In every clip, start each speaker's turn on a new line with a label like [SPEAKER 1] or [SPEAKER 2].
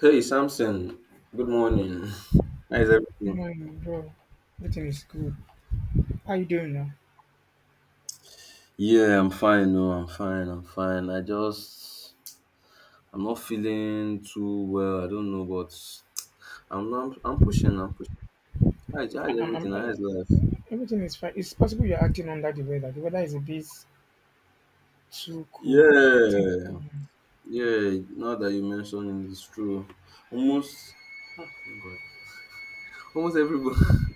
[SPEAKER 1] Hey Samson, good morning. How is everything?
[SPEAKER 2] No, no, no, bro. Everything is good. How you doing now?
[SPEAKER 1] Yeah, I'm fine. No, I'm fine. I'm fine. I just I'm not feeling too well. I don't know, but I'm pushing. I'm pushing. How is, how
[SPEAKER 2] I,
[SPEAKER 1] is
[SPEAKER 2] I'm, I'm,
[SPEAKER 1] everything? How
[SPEAKER 2] I,
[SPEAKER 1] is life?
[SPEAKER 2] everything is fine. It's possible you're acting under the weather. The weather is a bit too cool, I think.
[SPEAKER 1] Yeah, yeah. Now that you mentioned it, it's true. Almost. Ah, thank God. Almost everybody.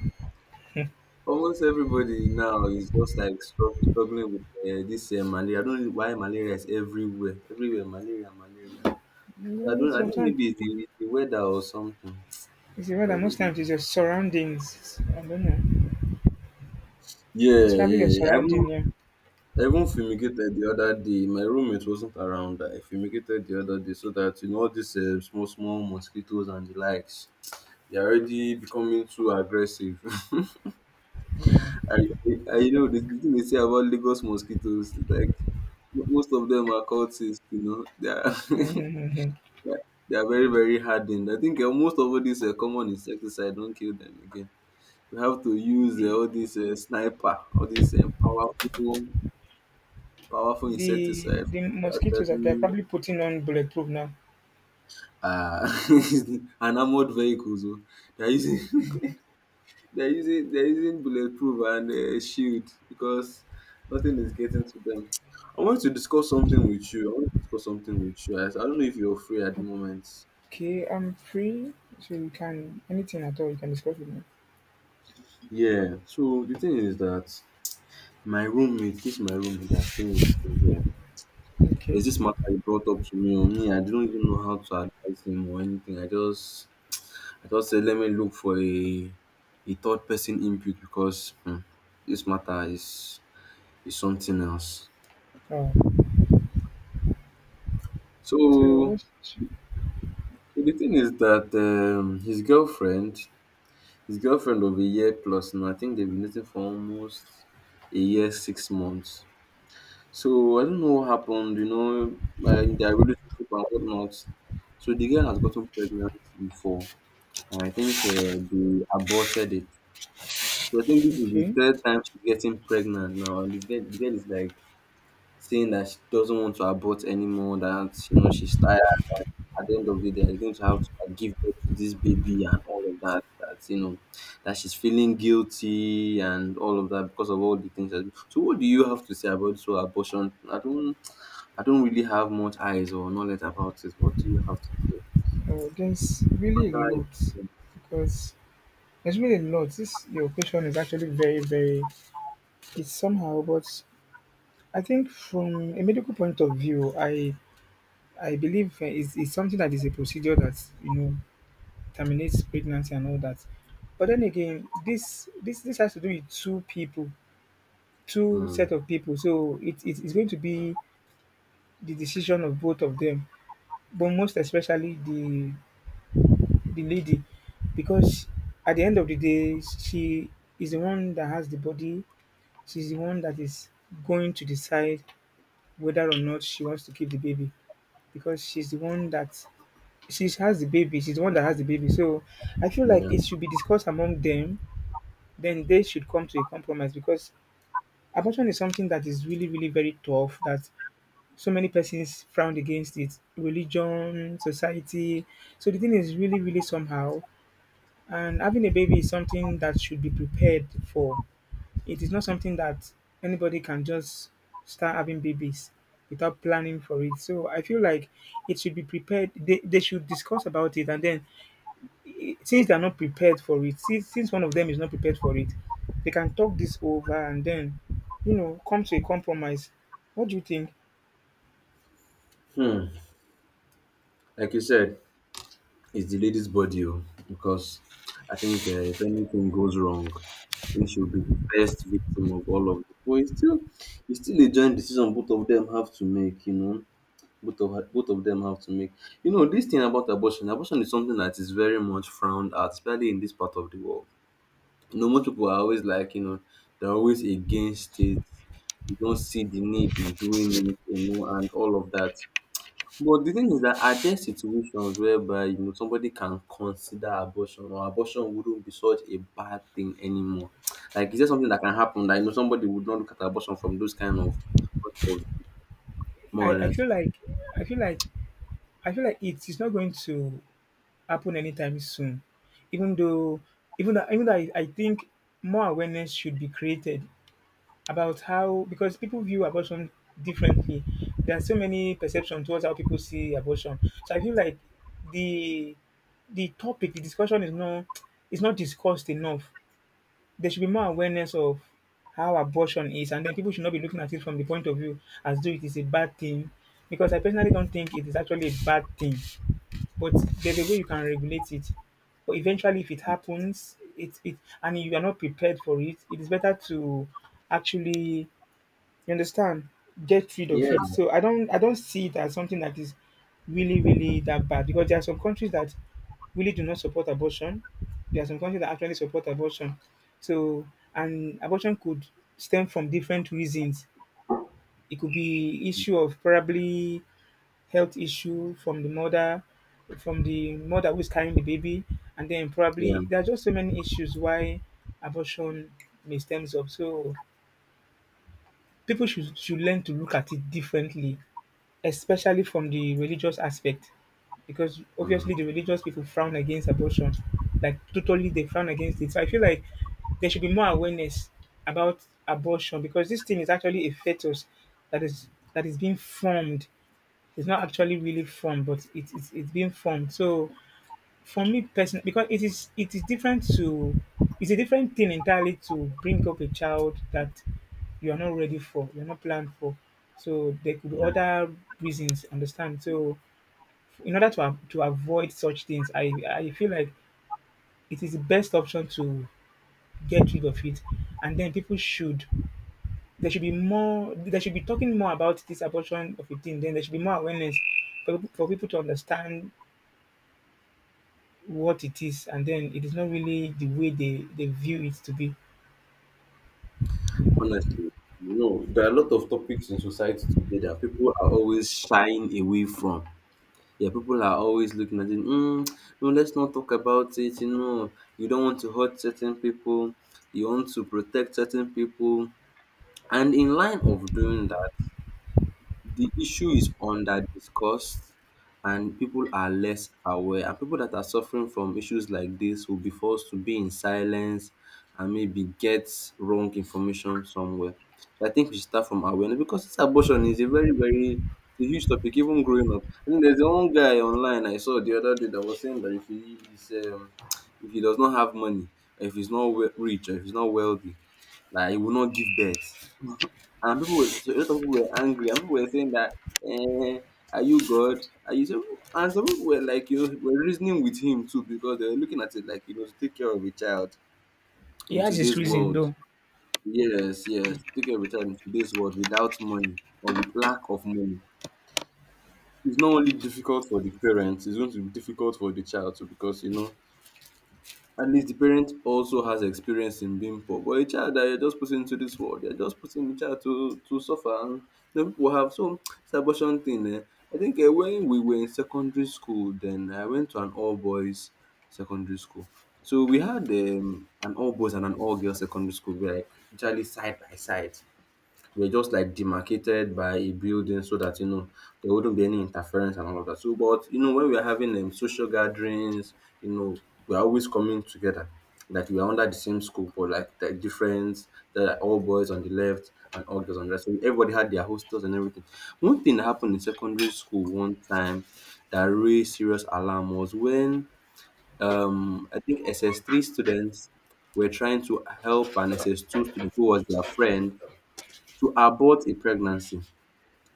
[SPEAKER 1] Almost everybody now is just like struggling with this malaria. I don't know why malaria is everywhere. Everywhere, malaria, malaria. I
[SPEAKER 2] No,
[SPEAKER 1] don't. I think
[SPEAKER 2] sometimes
[SPEAKER 1] maybe it's the weather or something.
[SPEAKER 2] it's the weather.
[SPEAKER 1] Probably
[SPEAKER 2] Most
[SPEAKER 1] the.
[SPEAKER 2] times it's your surroundings, I don't know. It's
[SPEAKER 1] Yeah,
[SPEAKER 2] probably your
[SPEAKER 1] yeah.
[SPEAKER 2] surrounding. Yeah.
[SPEAKER 1] I even fumigated the other day. My roommate wasn't around. I fumigated the other day so that you know all these small small mosquitoes and the likes. They're already becoming too aggressive. I, I you know the thing they say about Lagos mosquitoes. It's like most of them are cultists. You know they are.
[SPEAKER 2] Yeah. Mhm.
[SPEAKER 1] They are they are very, very hardened. I think most of all these common insecticides don't kill them again. We have to use
[SPEAKER 2] the,
[SPEAKER 1] all this sniper, all this powerful, powerful
[SPEAKER 2] the
[SPEAKER 1] insecticide
[SPEAKER 2] the
[SPEAKER 1] to
[SPEAKER 2] mosquitoes are they're
[SPEAKER 1] actually
[SPEAKER 2] probably putting on bulletproof now.
[SPEAKER 1] an armored vehicles. Oh. They're using, they're using bulletproof and shield because nothing is getting to them. I want to discuss something with you. I want to discuss something with you. I don't know if you're free at the moment.
[SPEAKER 2] Okay, I'm free, so you can anything at all you can discuss with me.
[SPEAKER 1] Yeah. So the thing is that my roommate, this is my roommate that's staying with me here.
[SPEAKER 2] Okay.
[SPEAKER 1] There's this matter he brought up to me. Or me, I didn't even know how to advise him or anything. I just said, let me look for a third person input because hmm, this matter is something else.
[SPEAKER 2] Uh, so
[SPEAKER 1] So,
[SPEAKER 2] what's
[SPEAKER 1] so the thing is that his girlfriend of a year plus, and I think they've been dating for almost a year, 6 months. So I don't know what happened, you know, like their relationship and whatnot. So the girl has gotten pregnant before. And I think they aborted it. So I think this is the
[SPEAKER 2] okay?
[SPEAKER 1] third time she's getting pregnant now. And this girl, the girl is like saying that she doesn't want to abort anymore, that, you know, she's tired. At the end of the day, they're going to have to like, give birth to this baby and all of that. That, you know, that she's feeling guilty and all of that because of all the things. That, so what do you have to say about this whole abortion? I don't really have much eyes or knowledge about it. What do you have to say?
[SPEAKER 2] There's really
[SPEAKER 1] Matter
[SPEAKER 2] a
[SPEAKER 1] is,
[SPEAKER 2] lot because there's really a lot. This your question is actually very, very, it's somehow, but I think from a medical point of view, I believe is something that is a procedure that you know terminates pregnancy and all that. But then again, this has to do with two people, two
[SPEAKER 1] hmm,
[SPEAKER 2] set of people. So, it is going to be the decision of both of them, but most especially the lady, because at the end of the day she is the one that has the body, she's the one that is going to decide whether or not she wants to keep the baby, because she's the one that she has the baby, she's the one that has the baby. So I feel like
[SPEAKER 1] yeah.
[SPEAKER 2] it should be discussed among them, then they should come to a compromise, because abortion is something that is really, really very tough, that so many persons frown against it, religion, society. So the thing is really, really somehow. And having a baby is something that should be prepared for. It is not something that anybody can just start having babies without planning for it. So I feel like it should be prepared. They should discuss about it, and then since they're not prepared for it, since one of them is not prepared for it, they can talk this over and then, you know, come to a compromise. What do you think?
[SPEAKER 1] Hmm. Like you said, it's the lady's body, oh, because I think if anything goes wrong, I think she'll be the first victim of all of it. But it's still a joint decision both of them have to make. You know, both of them have to make. You know, this thing about abortion, abortion is something that is very much frowned at, especially in this part of the world. You know, most people are always like, you know, they're always against it. You don't see the need in doing it, you know, and all of that. But the thing is that are there situations whereby, you know, somebody can consider abortion or abortion wouldn't be such a bad thing anymore? Like, is there something that can happen that, you know, somebody would not look at abortion from those kind of point of more or
[SPEAKER 2] I
[SPEAKER 1] less?
[SPEAKER 2] feel like I feel like I feel like it is not going to happen anytime soon. Even though, even though I think more awareness should be created about how, because people view abortion differently. There are so many perceptions towards how people see abortion. So I feel like the the topic, the discussion is not discussed enough. There should be more awareness of how abortion is, and then people should not be looking at it from the point of view as though it is a bad thing. Because I personally don't think it is actually a bad thing, but there's a way you can regulate it. But eventually, if it happens, it and you are not prepared for it, it is better to actually, you understand, get rid of
[SPEAKER 1] Yeah.
[SPEAKER 2] it. So I don't see it as something that is really, really that bad, because there are some countries that really do not support abortion. There are some countries that actually support abortion. So, and abortion could stem from different reasons. It could be issue of probably health issue from the mother who's carrying the baby, and then
[SPEAKER 1] Yeah.
[SPEAKER 2] probably there are just so many issues why abortion may stems up. So people should learn to look at it differently, especially from the religious aspect, because
[SPEAKER 1] Mm.
[SPEAKER 2] obviously the religious people frown against abortion, like totally they frown against it. So I feel like there should be more awareness about abortion because this thing is actually a fetus that is that is being formed. It's not actually really fun, but it's it's being been fun. So for me personally, because it is different to it's a different thing entirely to bring up a child that you are not ready for, you're not planned for. So there could be other reasons. Understand? So in order to to avoid such things, I feel like it is the best option to get rid of it, and then people should there should be more there should be talking more about this abortion of a thing. Then there should be more awareness for people to understand what it is, and then it is not really the way they view it to be.
[SPEAKER 1] Honestly, you know, there are a lot of topics in society today that people are always shying away from. Yeah, people are always looking at it. Mm, no, let's not talk about it. You know, you don't want to hurt certain people. You want to protect certain people. And in line of doing that, the issue is under discussed and people are less aware. And people that are suffering from issues like this will be forced to be in silence and maybe get wrong information somewhere. So I think we should start from awareness because this abortion is a very, very it's a huge topic, even growing up. I think there's one guy online I saw the other day that was saying that if he is if he does not have money, or if he's not rich, or if he's not wealthy, like he will not give birth and people were, so a lot of people were angry, and people were saying that, eh, are you God? Are you so? And some people were like, you know, were reasoning with him too because they were looking at it like, you know, to take care of a child
[SPEAKER 2] He
[SPEAKER 1] in
[SPEAKER 2] has his
[SPEAKER 1] today's
[SPEAKER 2] reason
[SPEAKER 1] world.
[SPEAKER 2] though.
[SPEAKER 1] Yes, yes, to take care of a child in today's world without money or with lack of money. It's not only difficult for the parents; it's going to be difficult for the child too because you know at least the parent also has experience in being poor, but a child that you're just putting into this world, you're just putting the child to suffer and you know people have some this abortion thing I think when we were in secondary school then I went to an all boys secondary school. So we had an all boys and an all girls secondary school. We were like literally side by side were just like demarcated by a building so that you know there wouldn't be any interference and all of that. So, but you know, when we are having social gatherings, you know, we're always coming together. Like we are under the same school, but like the difference that are all boys on the left and all girls on the right. So everybody had their hostels and everything. One thing that happened in secondary school one time that raised serious alarm was when I think SS3 students were trying to help an SS2 student who was their friend to abort a pregnancy.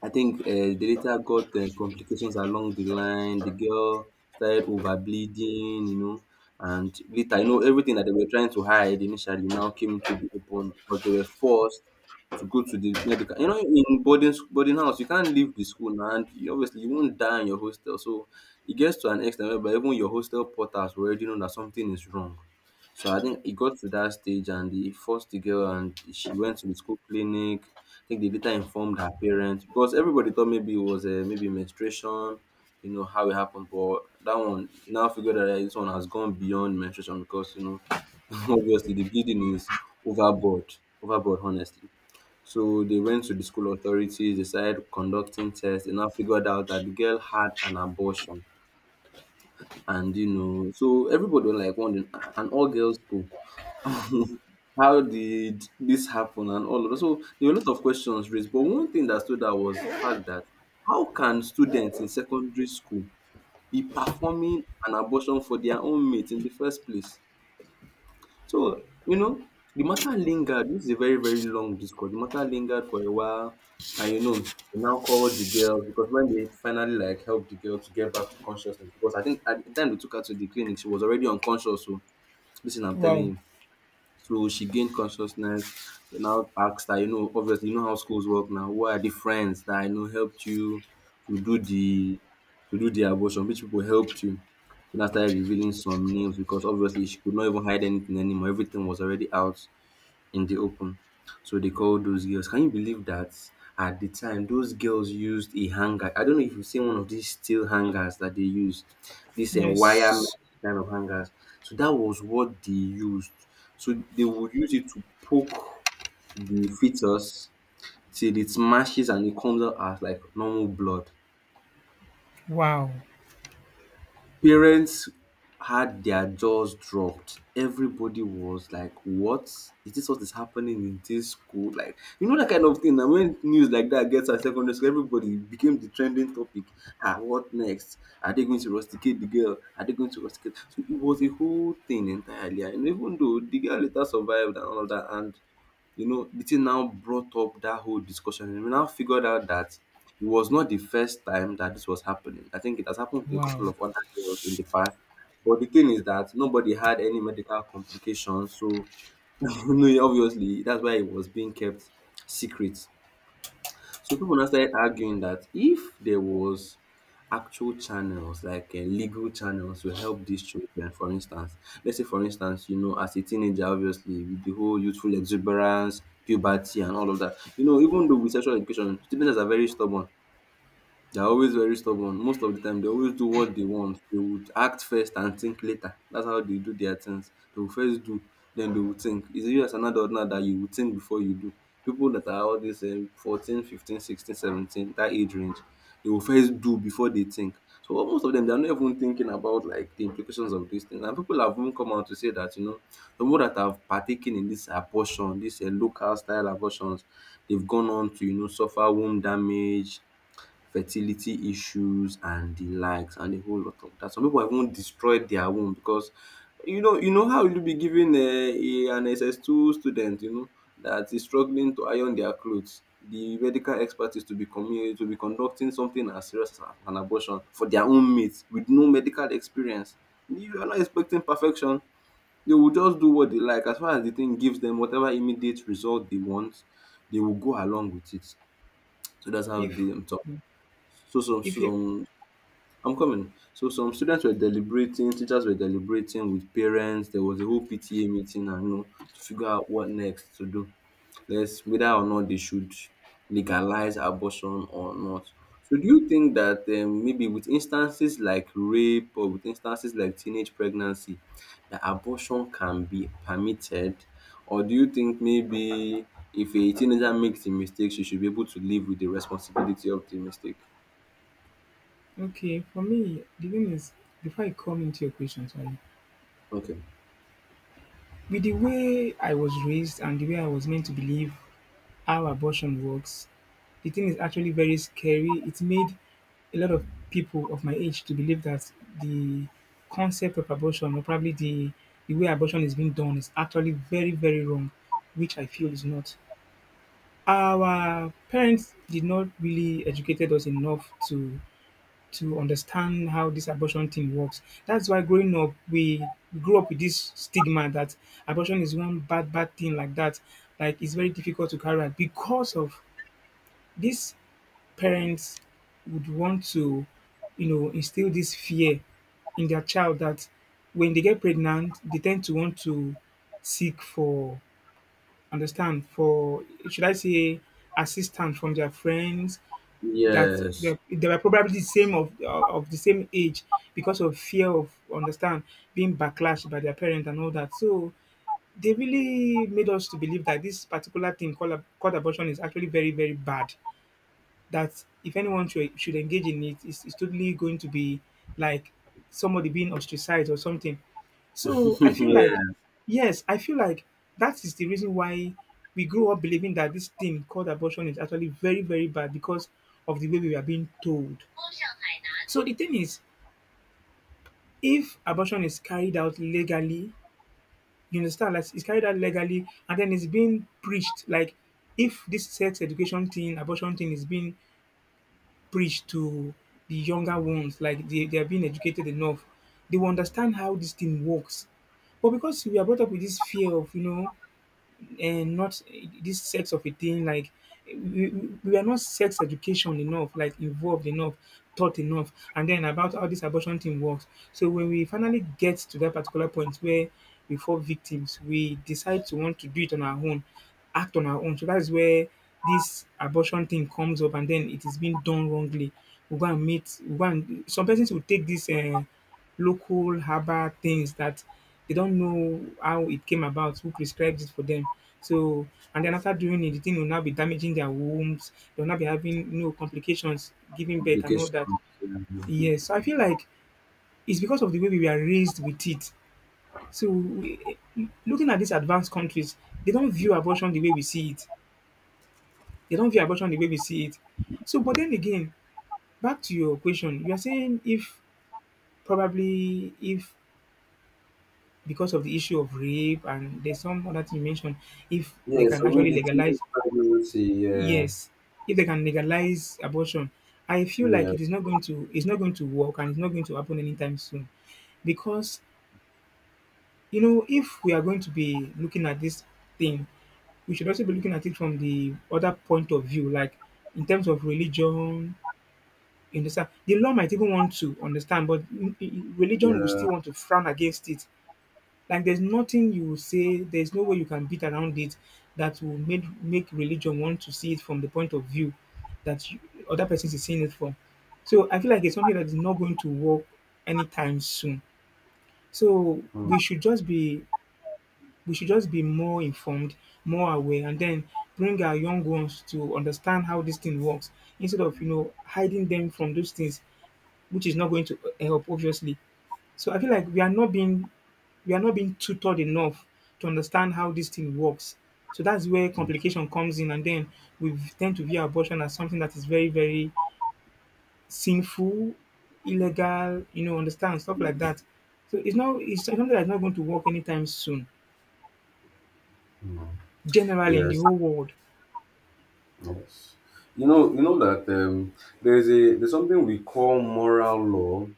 [SPEAKER 1] I think they later got complications along the line. The girl started over bleeding, you know, and later, you know, everything that they were trying to hide initially now came into the open, but they were forced to go to the medical. You know, in boarding boarding house, you can't leave the school now, and you, obviously you won't die in your hostel. So it gets to an extent whereby even your hostel porters will already know that something is wrong. So I think it got to that stage, and they forced the girl, and she went to the school clinic. I think they later informed her parents because everybody thought maybe it was maybe menstruation, you know, how it happened. But that one now figured out that eh, this one has gone beyond menstruation because, you know, obviously the bleeding is overboard, overboard, honestly. So they went to the school authorities, they started conducting tests, and now figured out that the girl had an abortion and you know so everybody was like wondering, "Ah, an all girls school, how did this happen?" And all of that, so there were a lot of questions raised, but one thing that stood out was the fact that how can students in secondary school be performing an abortion for their own mate in the first place? So, you know, the matter lingered. This is a very, very long discourse. The matter lingered for a while, and you know, they now called the girl because when they finally like helped the girl to get back to consciousness, because I think at the time they took her to the clinic, she was already unconscious. So, listen, I'm telling
[SPEAKER 2] Wow.
[SPEAKER 1] you. So she gained consciousness. They now asked her, you know, obviously, you know how schools work now. Who are the friends that I know helped you to do the to do the abortion? Which people helped you? She now started revealing some names because obviously she could not even hide anything anymore. Everything was already out in the open. So they call those girls. Can you believe that at the time those girls used a hanger? I don't know if you've seen one of these steel hangers that they use, this wire
[SPEAKER 2] Yes.
[SPEAKER 1] kind of hangers. So that was what they used. So they would use it to poke the fetus till it smashes and it comes out as like normal blood.
[SPEAKER 2] Wow.
[SPEAKER 1] Parents had their jaws dropped. Everybody was like, "What? Is this what is happening in this school?" Like, you know that kind of thing. And when news like that gets at secondary school, everybody became the trending topic. Ah, what next? Are they going to rusticate the girl? Are they going to rusticate? So it was a whole thing entirely. And even though the girl later survived and all of that, and you know, the thing now brought up that whole discussion, and we now figured out that it was not the first time that this was happening. I think it has happened to a
[SPEAKER 2] Wow.
[SPEAKER 1] couple of other girls in the past. But the thing is that nobody had any medical complications, so you know, obviously that's why it was being kept secret. So people now started arguing that if there was actual channels like legal channels to help these children, for instance, let's say for instance, you know, as a teenager, obviously with the whole youthful exuberance, puberty, and all of that, you know, even though with sexual education, teenagers are very stubborn. They're always very stubborn. Most of the time, they always do what they want. They would act first and think later. That's how they do their things. They will first do, then they will think. It's you as an adult now that you will think before you do. People that are all this 14, 15, 16, 17, that age range, they will first do before they think. So what most of them, they're not even thinking about like the implications of these things. And people have even come out to say that, you know, the people that have partaken in this abortion, this local style abortions, they've gone on to, you know, suffer womb damage, fertility issues and the likes and a whole lot of that. Some people have even destroyed their womb because you know how will you be giving a an SS2 student, you know, that is struggling to iron their clothes, the medical expert is to be conducting something as serious as an abortion for their own mate with no medical experience. You are not expecting perfection. They will just do what they like. As far as the thing gives them whatever immediate result they want, they will go along with it. So that's how
[SPEAKER 2] If
[SPEAKER 1] they. So
[SPEAKER 2] if you
[SPEAKER 1] some I'm coming. So some students were deliberating, teachers were deliberating with parents. There was a whole PTA meeting, and you know, to figure out what next to do. Let's whether or not they should legalize abortion or not. So do you think that maybe with instances like rape or with instances like teenage pregnancy, that abortion can be permitted, or do you think maybe if a teenager makes a mistake, she should be able to live with the responsibility of the mistake?
[SPEAKER 2] okay, for me the thing is before I come into your question, sorry,
[SPEAKER 1] Okay.
[SPEAKER 2] with the way I was raised and the way I was meant to believe how abortion works. The thing is actually very scary. It made a lot of people of my age to believe that the concept of abortion, or probably the way abortion is being done, is actually very, very wrong, which I feel is not. Our parents did not really educated us enough to understand how this abortion thing works. That's why growing up we grew up with this stigma that abortion is one bad bad thing like that. Like it's very difficult to carry out because of these parents would want to, you know, instill this fear in their child that when they get pregnant, they tend to want to seek for, understand, for, should I say, assistance from their friends that
[SPEAKER 1] Yes.
[SPEAKER 2] they are probably the same of the same age because of fear of understand being backlash by their parents and all that. So they really made us to believe that this particular thing called called abortion is actually very, very bad, that if anyone should engage in it, it's totally going to be like somebody being ostracized or something. So I feel like,
[SPEAKER 1] Yeah.
[SPEAKER 2] yes, I feel like that is the reason why we grow up believing that this thing called abortion is actually very, very bad because of the way we are being told. So the thing is, if abortion is carried out legally, you understand, like it's carried out legally, and then it's being preached, like if this sex education thing, abortion thing is being preach to the younger ones, like they are being educated enough. They will understand how this thing works. But because we are brought up with this fear of, you know, not this sex of a thing, like we are not sex education enough, like involved enough, taught enough, and then about how this abortion thing works. So when we finally get to that particular point where we fall victims, we decide to want to do it on our own, act on our own. So that's where this abortion thing comes up, and then it is being done wrongly. We go and some persons will take this local herbal things that they don't know how it came about, who prescribed it for them. So, and then after doing it, the thing will now be damaging their wombs. They'll now be having no complications, giving birth and all
[SPEAKER 1] Applications.
[SPEAKER 2] that.
[SPEAKER 1] Yeah.
[SPEAKER 2] Yes, so I feel like it's because of the way we were raised with it. So, we, looking at these advanced countries, they don't view abortion the way we see it. They don't view abortion the way we see it. So, but then again, back to your question, you are saying if probably if because of the issue of rape and there's some other thing you mentioned, if they
[SPEAKER 1] Yeah.
[SPEAKER 2] can
[SPEAKER 1] So
[SPEAKER 2] actually
[SPEAKER 1] maybe teenage
[SPEAKER 2] legalize,
[SPEAKER 1] pregnancy. Yeah.
[SPEAKER 2] yes, if they can legalize abortion, I feel like
[SPEAKER 1] Yeah.
[SPEAKER 2] it is not going to work and it's not going to happen anytime soon. Because you know, if we are going to be looking at this thing, we should also be looking at it from the other point of view, like in terms of religion, you understand, the law might even want to understand, but religion will
[SPEAKER 1] Yeah.
[SPEAKER 2] still want to frown against it. Like there's nothing you will say, there's no way you can beat around it that will make religion want to see it from the point of view that you, other persons is seeing it from. So I feel like it's something that is not going to work anytime soon. So
[SPEAKER 1] Mm.
[SPEAKER 2] we should just be more informed, more aware, and then bring our young ones to understand how this thing works, instead of, you know, hiding them from those things, which is not going to help obviously. So I feel like we are not being tutored enough to understand how this thing works. So that's where complication comes in, and then we tend to view abortion as something that is very, very sinful, illegal, you know, understand stuff like that. So it's not, it's something that's not going to work anytime soon. Generally in the
[SPEAKER 1] Yes.
[SPEAKER 2] whole world.
[SPEAKER 1] Yes. You know. You know that there's something we call moral law,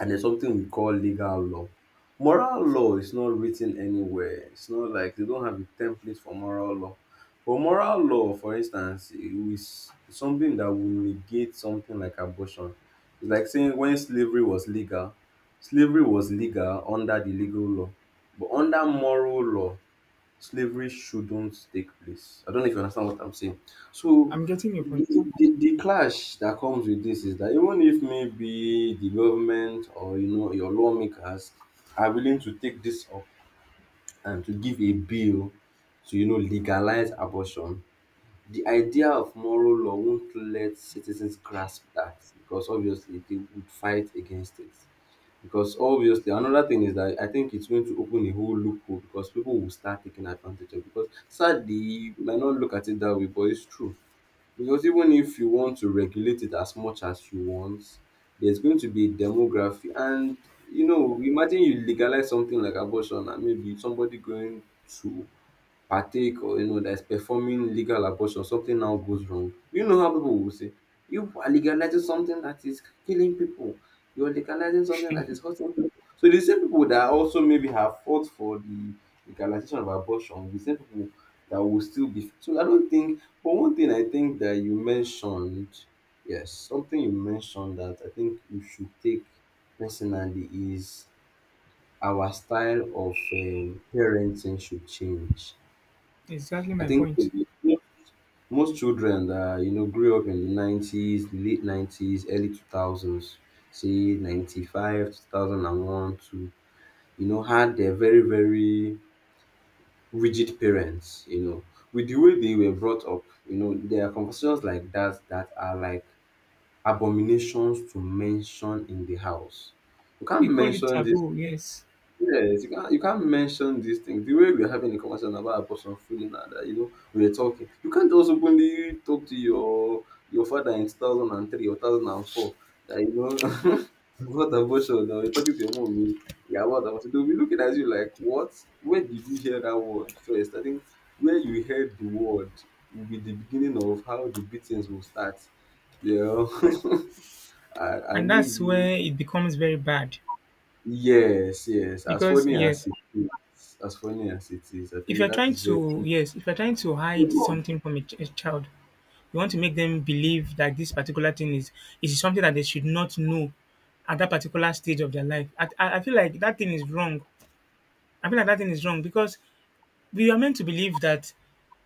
[SPEAKER 1] and there's something we call legal law. Moral law is not written anywhere. It's not like they don't have a template for moral law. But moral law, for instance, it's something that would negate something like abortion. It's like saying when slavery was legal under the legal law. But under moral law, slavery shouldn't take place. I don't know if you understand what I'm saying. So
[SPEAKER 2] I'm getting your
[SPEAKER 1] the,
[SPEAKER 2] point.
[SPEAKER 1] the clash that comes with this is that even if maybe the government or, you know, your lawmakers are willing to take this up and to give a bill to, you know, legalize abortion, the idea of moral law won't let citizens grasp that, because obviously they would fight against it. Because obviously another thing is that I think it's going to open a whole loophole because people will start taking advantage of it. Because sadly you might not look at it that way, but it's true. Because even if you want to regulate it as much as you want, there's going to be a demography, and you know, imagine you legalize something like abortion and maybe somebody going to partake or, you know, that is performing legal abortion, something now goes wrong. You know how people will say you are legalizing something that is killing people, you are legalizing something that is hurting people. So the same people that also maybe have fought for the legalization of abortion will be the same people that will still be. So I don't think. But one thing I think that you mentioned, yes, something you mentioned that I think you should take personally, is our style of parenting should change.
[SPEAKER 2] Exactly
[SPEAKER 1] I
[SPEAKER 2] my
[SPEAKER 1] think
[SPEAKER 2] point.
[SPEAKER 1] most children that, you know, grew up in the 90s, late 90s, early two thousands, say ninety five, 2001, to, you know, had their very, very rigid parents, you know. With the way they were brought up, you know, there are conversations like that that are like abominations to mention in the house. You can't
[SPEAKER 2] They call it
[SPEAKER 1] mention this.
[SPEAKER 2] taboo, yes.
[SPEAKER 1] Yes, you can't mention these things. The way we're having a conversation about a person feeling and that, you know, we're talking. You can't just openly talk to your father in 2003 or 2004 that, you know, about abortion, or you're talking to your mom, you— yeah, about abortion. They'll be looking at you like, what? Where did you hear that word first? I think where you heard the word will be the beginning of how the beatings will start, you know,
[SPEAKER 2] And
[SPEAKER 1] and
[SPEAKER 2] that's
[SPEAKER 1] maybe.
[SPEAKER 2] where it becomes very bad.
[SPEAKER 1] Yes, yes. As
[SPEAKER 2] Because
[SPEAKER 1] funny as
[SPEAKER 2] yes,
[SPEAKER 1] it is, I
[SPEAKER 2] if
[SPEAKER 1] think
[SPEAKER 2] you're
[SPEAKER 1] that
[SPEAKER 2] trying
[SPEAKER 1] is where.
[SPEAKER 2] to yes, if you're trying to hide something from a child, you want to make them believe that this particular thing is something that they should not know at that particular stage of their life. I feel like that thing is wrong. I feel like that thing is wrong because we are meant to believe that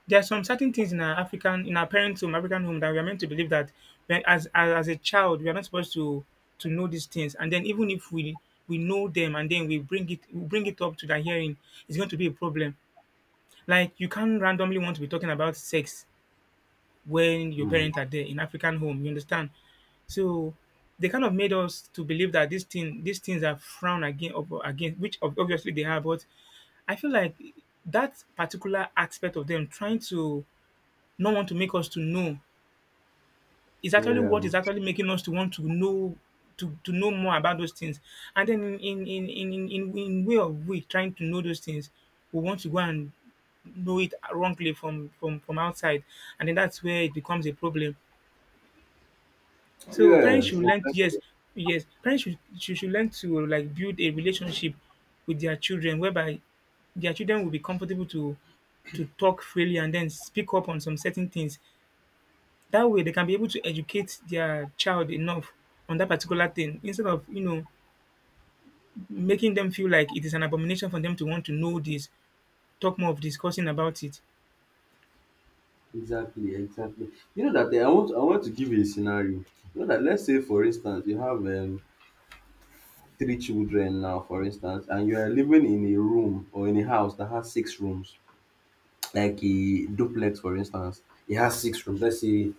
[SPEAKER 2] there are some certain things in our parents' home, African home, that we are meant to believe that as a child we are not supposed to know these things. And then even if we know them and then we bring it up to their hearing, it's going to be a problem. Like you can't randomly want to be talking about sex when your
[SPEAKER 1] Mm.
[SPEAKER 2] parents are there in African home, you understand? So they kind of made us to believe that these things are frowned against, which obviously they are, but I feel like that particular aspect of them trying to not want to make us to know is actually
[SPEAKER 1] Yeah,
[SPEAKER 2] what is actually making us to want to know, to know more about those things. And then in way of we trying to know those things, we want to go and know it wrongly from outside, and then that's where it becomes a problem. So
[SPEAKER 1] yeah,
[SPEAKER 2] parents should
[SPEAKER 1] exactly,
[SPEAKER 2] yes, parents should learn to like build a relationship with their children whereby their children will be comfortable to talk freely and then speak up on some certain things. That way they can be able to educate their child enough on that particular thing instead of, you know, making them feel like it is an abomination for them to want to know this, talk more of discussing about it.
[SPEAKER 1] exactly, exactly. You know that eh, I want, to give you a scenario. You know that let's say, for instance, you have three children now, for instance, and you are living in a room or in a house that has six rooms, like a duplex for instance. It has six rooms, let's say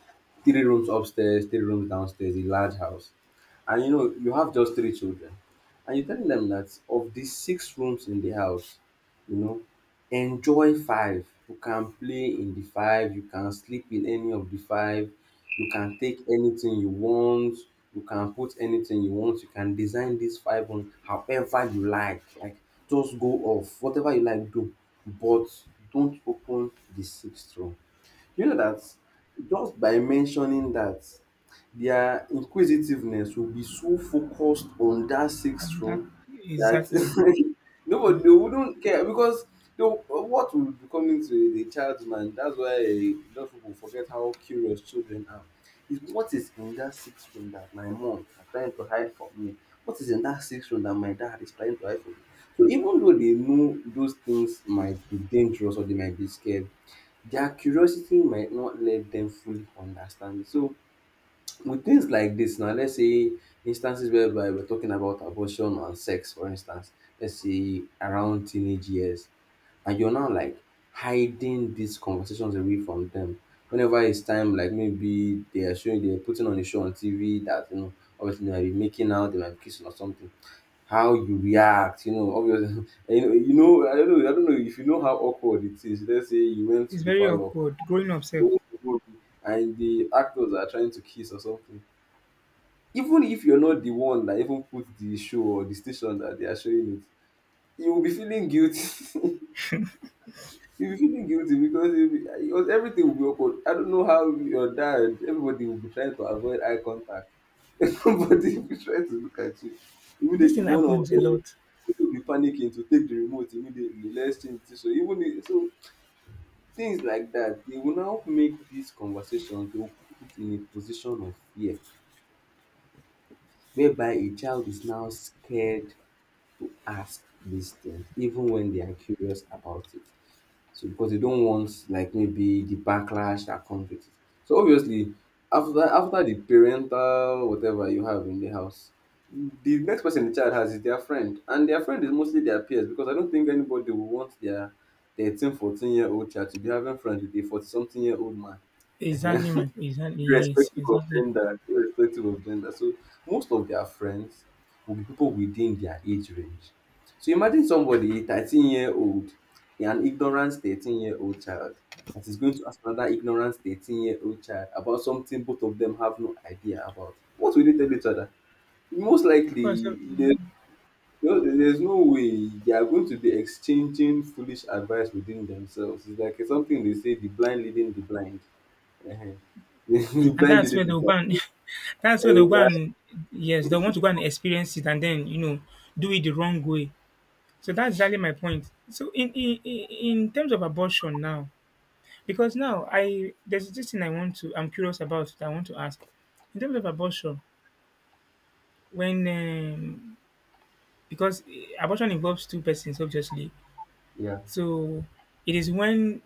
[SPEAKER 1] three rooms upstairs, three rooms downstairs, a large house. And you know you have just three children, and you're telling them that of the six rooms in the house, you know, enjoy five. You can play in the five, you can sleep in any of the five, you can take anything you want, you can put anything you want, you can design this five on however you like. Like just go off. Whatever you like, do. But don't open the sixth row. You know that just by mentioning that, their inquisitiveness will be so focused on that sixth
[SPEAKER 2] And that
[SPEAKER 1] room that
[SPEAKER 2] exactly.
[SPEAKER 1] nobody, they wouldn't care, because what will be coming to the child's mind. That's why a lot of people forget how curious children are. Is what is in that sixth room that my mom are trying to hide from me? What is in that sixth room that my dad is trying to hide from me? So even though they know those things might be dangerous or they might be scared, their curiosity might not let them fully understand it. So with things like this now, let's say instances whereby we're talking about abortion and sex, for instance, let's say around teenage years, and you're now like hiding these conversations away from them. Whenever it's time, like maybe they are showing, they're putting on a show on TV that, you know, obviously they might be making out, they might be kissing or something. How you react, you know, obviously, you know, I don't know, if you know how awkward it is. Let's say you went to
[SPEAKER 2] It's
[SPEAKER 1] the
[SPEAKER 2] very
[SPEAKER 1] parlor,
[SPEAKER 2] awkward growing up self.
[SPEAKER 1] watch the movie, and the actors are trying to kiss or something. Even if you're not the one that even put the show or the station that they are showing it, you will be feeling guilty. You'll be feeling guilty, because you'll be, because everything will be awkward. I don't know how your dad, everybody will be trying to avoid eye contact. Everybody will be trying to look at you.
[SPEAKER 2] This
[SPEAKER 1] Immediately,
[SPEAKER 2] thing
[SPEAKER 1] one of
[SPEAKER 2] happens a
[SPEAKER 1] the
[SPEAKER 2] lot.
[SPEAKER 1] will be panicking to take the remote immediately. Let's change this. So even if— Tins like dat dey will now make dis conversation, dey will put it in a position of fear whereby a child is now scared to ask dis tins even wen they are curious about it. So because they don't want like maybe the backlash that comes with it. So obviously after the parental whatever you have in the house, the next person the child has is their friend. And their friend is mostly their peers, because I don't think anybody will want their 13, 14 year old child to be having friends with a 40 something year old man.
[SPEAKER 2] Exactly,
[SPEAKER 1] Ehen.
[SPEAKER 2] man. Exactly, yes,
[SPEAKER 1] Irrespective of
[SPEAKER 2] exactly.
[SPEAKER 1] gender, irrespective of gender. So most of their friends will be people within their age range. So imagine somebody, 13-year-old, an ignorant 13-year-old child, that is going to ask another ignorant 13-year-old child about something both of them have no idea about. What will they tell each other? Most
[SPEAKER 2] Course,
[SPEAKER 1] likely, there's no way they are going to be exchanging foolish advice within themselves. It's like something they say, the blind leading the blind. The
[SPEAKER 2] and
[SPEAKER 1] blind
[SPEAKER 2] that's
[SPEAKER 1] leading
[SPEAKER 2] where
[SPEAKER 1] the
[SPEAKER 2] they'll go
[SPEAKER 1] blind.
[SPEAKER 2] and that's where they'll go
[SPEAKER 1] Exactly.
[SPEAKER 2] and yes, they want to go and experience it and then, you know, do it the wrong way. So that's exactly my point. So in terms of abortion now, because now I there's this thing I want to, I'm curious about, that I want to ask. In terms of abortion, when because abortion involves two persons obviously,
[SPEAKER 1] Yeah.
[SPEAKER 2] so it is when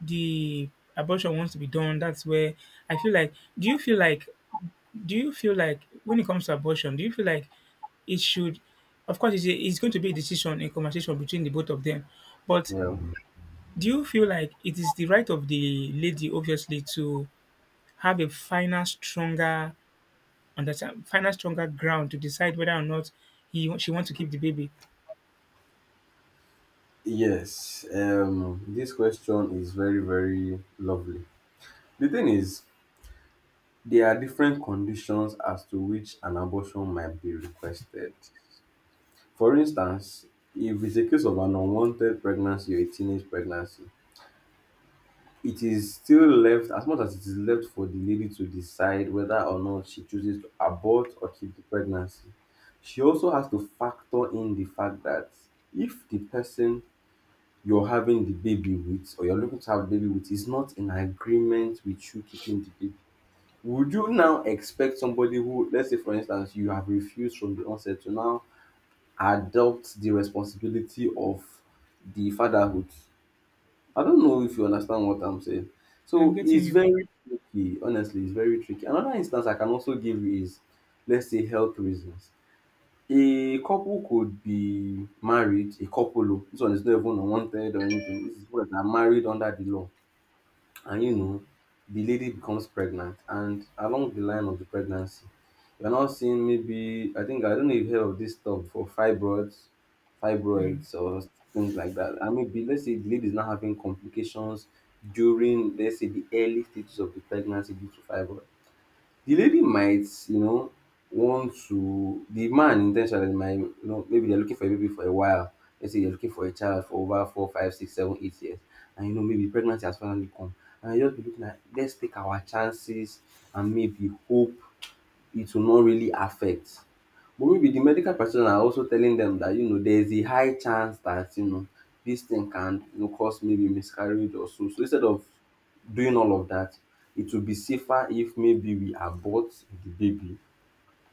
[SPEAKER 2] the abortion wants to be done, that's where I feel like. Do you feel like when it comes to abortion, do you feel like it should, of course it's, a, it's going to be a decision in conversation between the both of them, but
[SPEAKER 1] Yeah.
[SPEAKER 2] do you feel like it is the right of the lady obviously to have a final stronger ground to decide whether or not he she wants to keep the baby?
[SPEAKER 1] Yes. This question is very, very lovely. The thing is, there are different conditions as to which an abortion might be requested. For instance, if it's a case of an unwanted pregnancy or a teenage pregnancy, it is still left, as much as it is left for the lady to decide whether or not she chooses to abort or keep the pregnancy. She also has to factor in the fact that if the person you're having the baby with or you're looking to have a baby with is not in agreement with you keeping the baby, would you now expect somebody who, let's say for instance, you have refused from the onset to now adopt the responsibility of the fatherhood? I don't know if you understand what I'm saying.
[SPEAKER 2] I'm
[SPEAKER 1] So
[SPEAKER 2] getting
[SPEAKER 1] it's
[SPEAKER 2] you.
[SPEAKER 1] very tricky, honestly, it's very tricky. Another instance I can also give you is, let's say, health reasons. A couple could be married. A couple, oh, this one is not even unwanted or anything. This is what, that are married under the law. And you know, the lady becomes pregnant, and along the line of the pregnancy, you're now seeing, maybe, I think, I don't know if you've heard of this stuff for fibroids, fibroids or things like that. And maybe let's say the lady is now having complications during, let's say, the early stages of the pregnancy due to fibroids. The lady might, you know, want to, the man intentionally might, you know, maybe they're looking for a baby for a while. Let's say they're looking for a child for over 4, 5, 6, 7, 8 years. And you know, maybe pregnancy has finally come. And you just be looking at, let's take our chances and maybe hope it will not really affect. But maybe the medical practitioners are also telling them that, you know, there is a high chance that, you know, this thing can, you know, cause maybe miscarriage or so. So instead of doing all of that, it will be safer if maybe we abort the baby,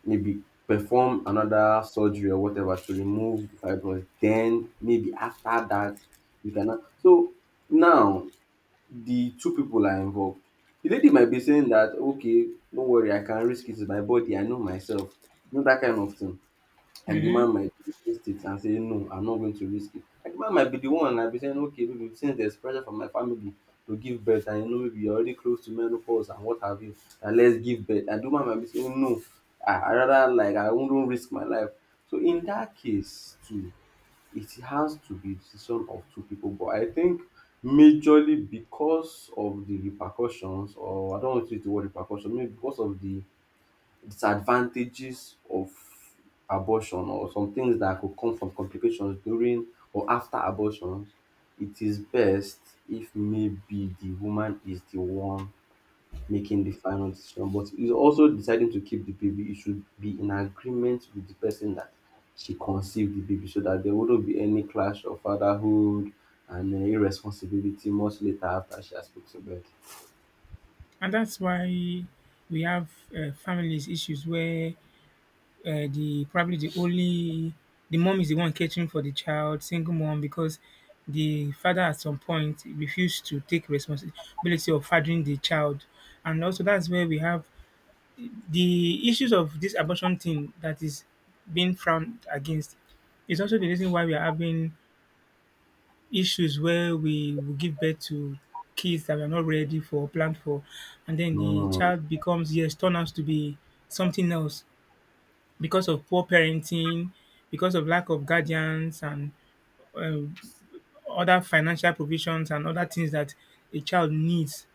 [SPEAKER 1] maybe perform another surgery or whatever to remove the fibroids. Then maybe after that we can. So now the two people are involved. The lady might be saying that, okay, don't worry, I can risk it, it's my body, I know myself, you know, that kind of thing. And the
[SPEAKER 2] Mm-hmm.
[SPEAKER 1] man might resist it and say, no, I'm not going to risk it. And the man might be the one and be saying, okay, baby, since there's pressure from my family to give birth, and you know, maybe you're already close to menopause and what have you, and let's give birth. And the man might be saying, no, I rather like, I wouldn't risk my life. So in that case, too, it has to be decision of two people, but I think majorly because of the repercussions, or I don't want to use the word repercussion, maybe because of the disadvantages of abortion or some things that could come from complications during or after abortions, it is best if maybe the woman is the one making the final decision, but is also deciding to keep the baby. It should be in agreement with the person that she conceived the baby, so that there wouldn't be any clash of fatherhood and irresponsibility much later after she has put to bed.
[SPEAKER 2] And that's why we have families issues where uh, the probably the only the mom is the one catering for the child, single mom, because the father at some point refused to take responsibility of fathering the child. And also that's where we have the issues of this abortion thing that is being frowned against. It's also the reason why we are having issues where we will give birth to kids that we are not ready for, planned for, and then the
[SPEAKER 1] Mm,
[SPEAKER 2] child becomes, yes, turn out to be something else because of poor parenting, because of lack of guardians and um, other financial provisions and other things that a child needs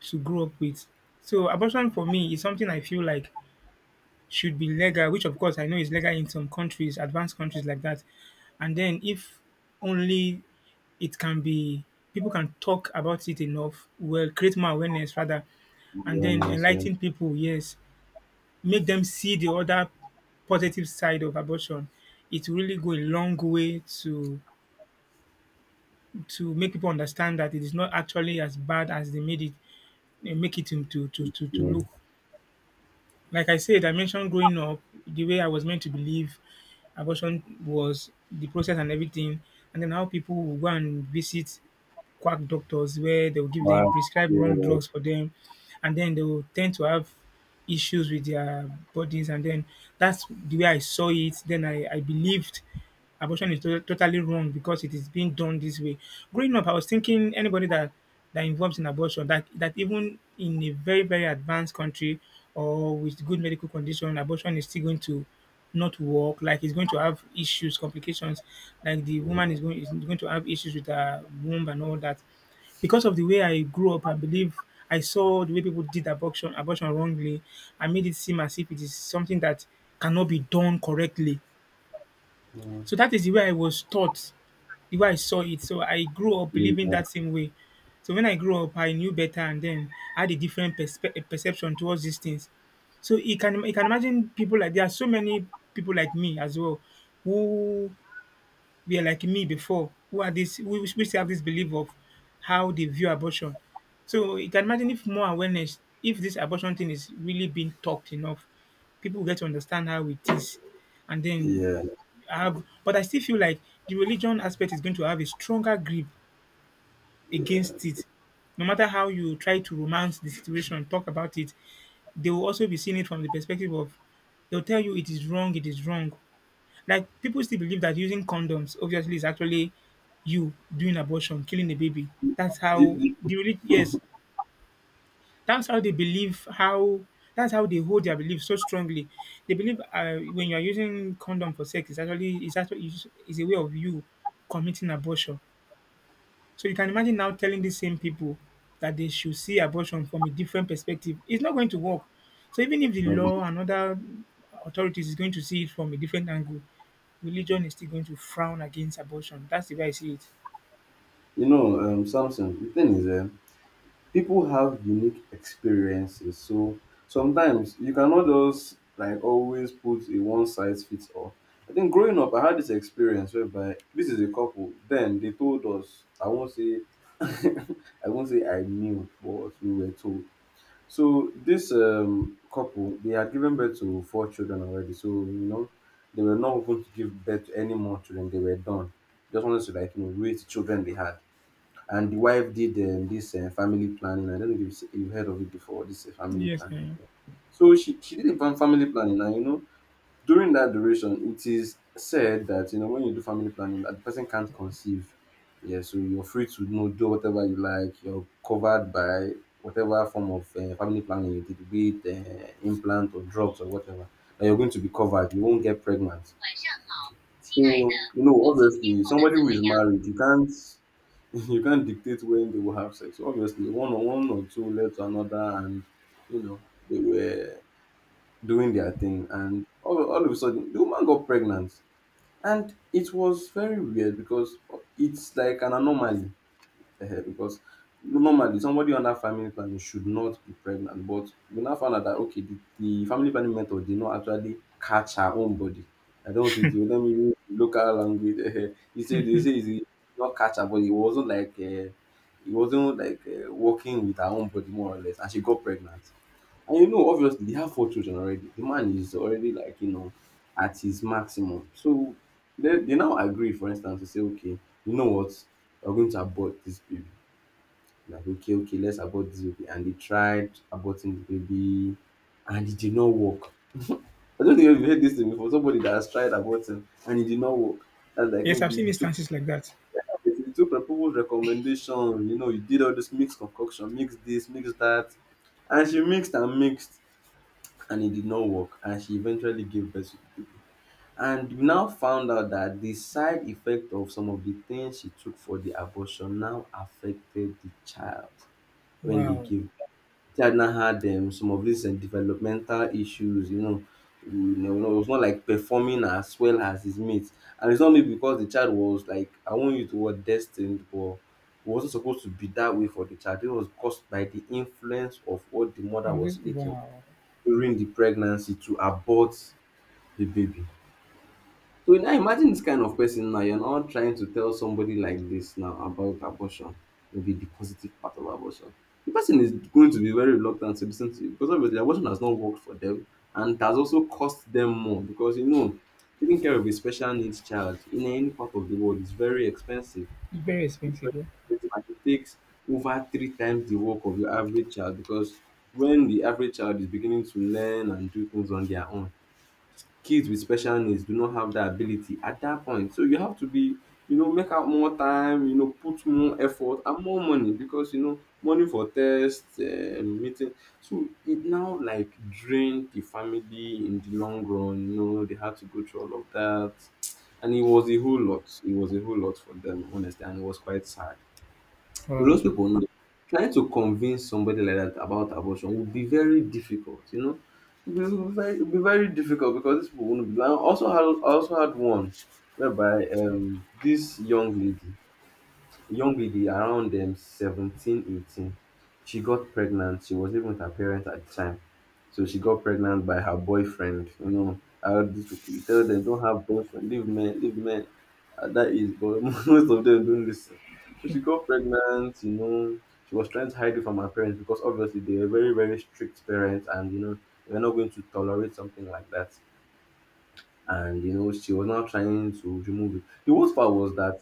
[SPEAKER 2] to grow up with. So abortion, for me, is something I feel like should be legal, which of course I know is legal in some countries, advanced countries like that. And then if only it can be, people can talk about it enough, well, create more awareness rather, and then
[SPEAKER 1] yes, yes,
[SPEAKER 2] enlighten people, yes. Make them see the other positive side of abortion, it will really go a long way to make people understand that it is not actually as bad as they made it they make it into to
[SPEAKER 1] yes.
[SPEAKER 2] look. Like I said, I mentioned growing up, the way I was meant to believe abortion was, the process and everything, and then how people will go and visit quack doctors where they will give them
[SPEAKER 1] Wow,
[SPEAKER 2] prescribe wrong
[SPEAKER 1] yeah,
[SPEAKER 2] drugs for them, and then they will tend to have issues with their bodies. And then that's the way I saw it. Then I believed abortion is totally wrong because it is being done this way. Growing up, I was thinking anybody that involves in abortion, that even in a very, very advanced country or with good medical condition, abortion is still going to not work, like he's going to have issues, complications, like the woman
[SPEAKER 1] yeah,
[SPEAKER 2] is going to have issues with her womb and all that. Because of the way I grew up, I believe I saw the way people did abortion wrongly. I made it seem as if it is something that cannot be done correctly. So that is the way I was taught, the way I saw it. So I grew up
[SPEAKER 1] yeah,
[SPEAKER 2] believing
[SPEAKER 1] yeah.
[SPEAKER 2] that same way. So when I grew up, I knew better, and then I had a different perception towards these things. So you can, you can imagine, people like, there are so many people like me as well who were like me before, who are this who we have this belief of how they view abortion. So you can imagine if more awareness, if this abortion thing is really being talked enough, people get to understand how it is, and then
[SPEAKER 1] Yeah.
[SPEAKER 2] I have, but I still feel like the religion aspect is going to have a stronger grip against it. No matter how you try to romance the situation, talk about it, they will also be seeing it from the perspective of, they'll tell you it is wrong, it is wrong. Like, people still believe that using condoms obviously is actually you doing abortion, killing a baby. That's how
[SPEAKER 1] It- it-
[SPEAKER 2] the yes, that's how they believe how, that's how they hold their belief so strongly. They believe, when you are using condom for sex, it's actually, is a way of you committing abortion. So you can imagine now telling these same people that they should see abortion from a different perspective. It's not going to work. So even if the law and other authorities is going to see it from a different angle, religion is still going to frown against abortion. That's the way I see it.
[SPEAKER 1] You know, Samson, the thing is, people have unique experiences. So sometimes you cannot just like always put a one size fits all. I think growing up, I had this experience whereby, this is a couple. Then they told us, I won't say, I won't say I knew, but we were told. So this couple, they had given birth to four children already. So you know, they were not going to give birth to any more children. They were done. Just wanted to, like, you know, raise the children they had. And the wife did, this family planning. I don't know if you've heard of it before. This family
[SPEAKER 2] Yes,
[SPEAKER 1] planning
[SPEAKER 2] eh.
[SPEAKER 1] thing. So she did a family planning, and you know, during that duration, it is said that, you know, when you do family planning, that the person can't conceive. Yeah, so you're free to, you know, do whatever you like. You're covered by whatever form of family planning you did, be it implant or drugs or whatever. That you're going to be covered. You won't get pregnant. So you know, obviously, somebody who is married, you can't. You can't dictate when they will have sex. Obviously, one or two led to another, and you know they were doing their thing, and all of a sudden the woman got pregnant, and it was very weird because it's like an anomaly, because normally somebody under family planning should not be pregnant, but we now found out that okay, the family planning method did not actually catch her own body. I don't want you to do, let me use local language. E say dey say e not catch her body. It wasn't like it wasn't like working with her own body, more or less, and she got pregnant. And you know obviously they have four children already. The man is already, like, you know, at his maximum. So they now agree, for instance, to say, okay, you know what, we are going to abort this baby. Like, okay, okay, let's abort this baby. And they tried aborting the baby and it did not work. I don't know if have heard this thing before. Somebody that has tried aborting and it did not work. That's like
[SPEAKER 2] Yes, I've
[SPEAKER 1] maybe
[SPEAKER 2] seen instances like that.
[SPEAKER 1] you took people's recommendation, you know, you did all this mixed concoction, mix this, mix that. And she mixed and mixed and it did not work. And she eventually gave birth to the baby. And we now found out that the side effect of some of the things she took for the abortion now affected the child when they
[SPEAKER 2] Wow,
[SPEAKER 1] gave. China had, some of these developmental issues, you know. You know, it was not like performing as well as his mates. And it's not maybe because the child was, like, I want you to, the word destined, but it wasn't supposed to be that way for the child. It was caused by the influence of what the
[SPEAKER 2] I
[SPEAKER 1] mother
[SPEAKER 2] was
[SPEAKER 1] was
[SPEAKER 2] just
[SPEAKER 1] taking
[SPEAKER 2] wow.
[SPEAKER 1] during the pregnancy to abort the baby. So now imagine this kind of person now, you're not trying to tell somebody like this now about abortion, maybe the positive part of abortion. The person is going to be very reluctant to listen to you because obviously abortion has not worked for them, and it has also cost them more because you know, taking care of a special needs child in any part of the world is very expensive.
[SPEAKER 2] Very
[SPEAKER 1] It's very
[SPEAKER 2] expensive, yeah.
[SPEAKER 1] expensive, and it takes over 3 times the work of your average child because when the average child is beginning to learn and do things on their own, kids with special needs do not have that ability at that point. So you have to be, you know, make out more time, you know, put more effort and more money because you know money for tests, meeting. So it now, like, drained the family in the long run. You know, they had to go through all of that, and it was a whole lot. It was a whole lot for them, honestly, and it was quite sad. But
[SPEAKER 2] Wow.
[SPEAKER 1] those people know, trying to convince somebody like that about abortion would be very difficult, you know. It would be very difficult because these people wouldn't be. I also had one whereby this young lady around 17, 18, she got pregnant. She was living with her parents at the time, so she got pregnant by her boyfriend. You know how these people, you tell them don't have boyfriend, leave men, leave men at that is, but most of them don't listen. So she got pregnant, you know, she was trying to hide it from her parents because obviously they were very very strict parents and you know they were not going to tolerate something like that, and you know she was now trying to remove it. The worst part was that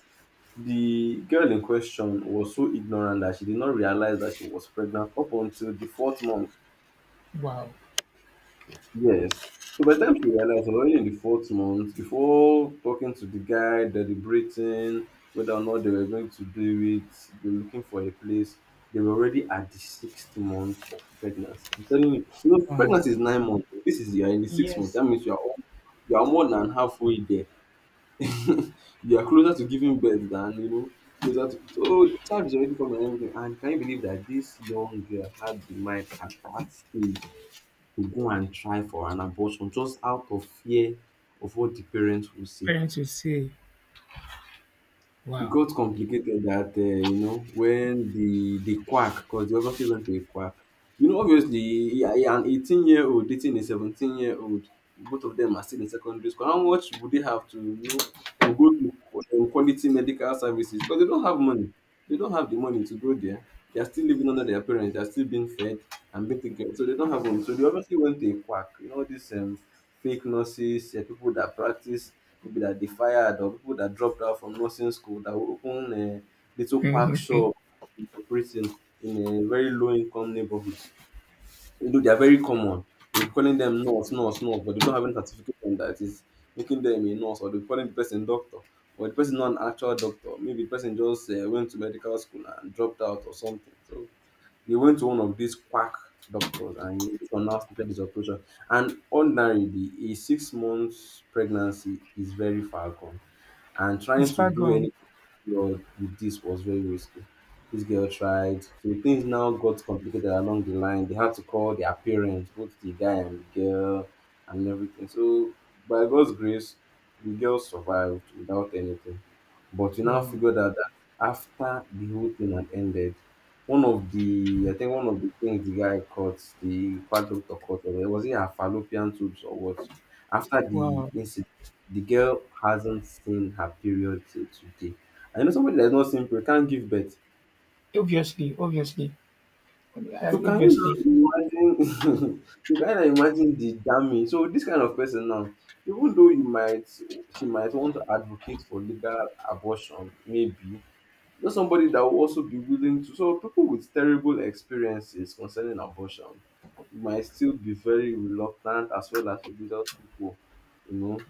[SPEAKER 1] the girl in question was so ignorant that she did not realize that she was pregnant up until the fourth month.
[SPEAKER 2] Wow.
[SPEAKER 1] Yes. So by the time she realized, I was already in the fourth month. Before talking to the guy, deliberating whether or not they were going to do it, they were looking for a place, they were already at the sixth month of pregnancy. I'm telling you,
[SPEAKER 2] Wow.
[SPEAKER 1] pregnancy is 9 months. This is you're in the sixth month.
[SPEAKER 2] Yes.
[SPEAKER 1] That means you are more than halfway there. You are closer to giving birth than closer to, so the child is already formed and everything. And can you believe that this young girl had the mind at that stage to go and try for an abortion just out of fear of what the parents will say?
[SPEAKER 2] Parents will say,
[SPEAKER 1] It
[SPEAKER 2] wow.
[SPEAKER 1] got complicated that you know, when the quack, because they obviously went to a quack. You know, obviously, yeah, yeah, an 18-year-old dating a 17-year-old, both of them are still in secondary school. How much would they have to to go to quality medical services, because they don't have money. They don't have the money to go there. They are still living under their parents. They are still being fed and being taken care of. So they don't have money. So they obviously went to a quack. You know, these fake nurses, people that practice, people that they fired or people that dropped out from nursing school, that will open a little quack
[SPEAKER 2] Mhm.
[SPEAKER 1] shop operating in a very low income neighborhoods. You know, they are very common. They'll be calling them nurse, nurse, nurse, but they don't have any certificate on that is making them a nurse, or they'll be calling the person doctor, or the person not an actual doctor. Maybe the person just went to medical school and dropped out or something. So they went to one of these quack doctors and he now started this operation. And ordinarily, a 6 months pregnancy is very falcon. And trying
[SPEAKER 2] It's
[SPEAKER 1] to
[SPEAKER 2] far
[SPEAKER 1] do
[SPEAKER 2] gone.
[SPEAKER 1] anything with this was very risky. This girl tried. So things now got complicated along the line. They had to call their parents, both the guy and the girl, and everything. So by God's grace, the girl survived without anything. But we now
[SPEAKER 2] Wow.
[SPEAKER 1] figured out that after the whole thing had ended, one of the I think one of the things the guy caught, the quack doctor caught, or was it her fallopian tubes or what? After the
[SPEAKER 2] Wow.
[SPEAKER 1] incident, the girl hasn't seen her period till today. I know somebody that's not seen period can't give birth.
[SPEAKER 2] Obviously, obviously,
[SPEAKER 1] So can you
[SPEAKER 2] obviously.
[SPEAKER 1] now imagine? You can now imagine the damage. So this kind of person now, even though you might, she might want to advocate for legal abortion, maybe just somebody that will also be willing to. So people with terrible experiences concerning abortion might still be very reluctant, as well as religious people, you know,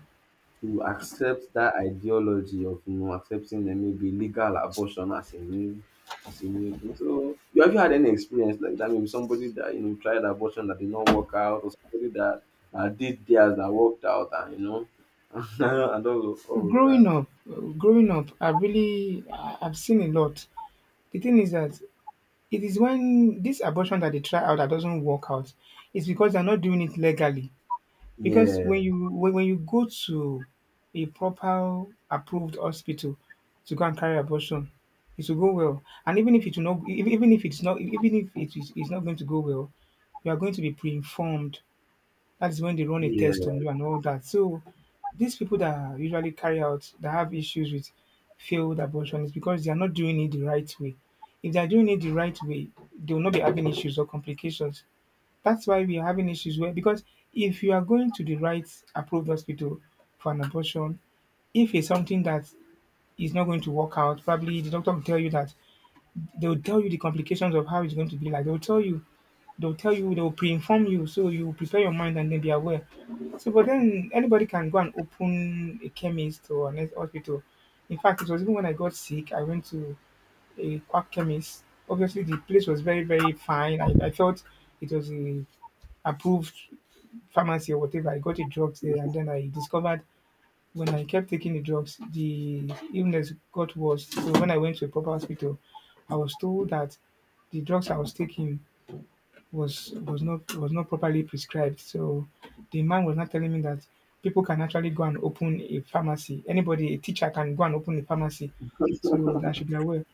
[SPEAKER 1] to accept that ideology of accepting the maybe legal abortion as a new thing. So you have, you had any experience like that? Maybe somebody that you know tried abortion that did not work out, or somebody that did theirs that worked out, and you know, and all of
[SPEAKER 2] Growing
[SPEAKER 1] that.
[SPEAKER 2] up, uh, growing up, I really, I've seen a lot. The thing is that it is when this abortion that they try out that doesn't work out, it's because they're not doing it legally. Because
[SPEAKER 1] Yeah,
[SPEAKER 2] when you go to a proper approved hospital to go and carry abortion, it will go well. And even if it will not, even if it's not going to go well, you are going to be pre-informed. That is when they run a test
[SPEAKER 1] yeah,
[SPEAKER 2] on you and all that. So these people that usually carry out that have issues with failed abortion, is because they are not doing it the right way. If they are doing it the right way, they will not be having issues or complications. That's why we are having issues where, because if you are going to the right approved hospital for an abortion, if it's something that is not going to work out, probably the doctor will tell you that, they will tell you the complications of how it's going to be like. They'll pre-inform you, so you prepare your mind and then be aware. So, but then anybody can go and open a chemist or an hospital. In fact, it was even when I got sick, I went to a quack chemist. Obviously, the place was very, very fine. I felt it was a approved pharmacy or whatever. I got a drug there, and then I discovered when I kept taking the drugs, the illness got worse. So when I went to a proper hospital, I was told that the drugs I was taking was not properly prescribed. So the man was not telling me that people can actually go and open a pharmacy. Anybody, a teacher, can go and open a pharmacy. So that I should be aware.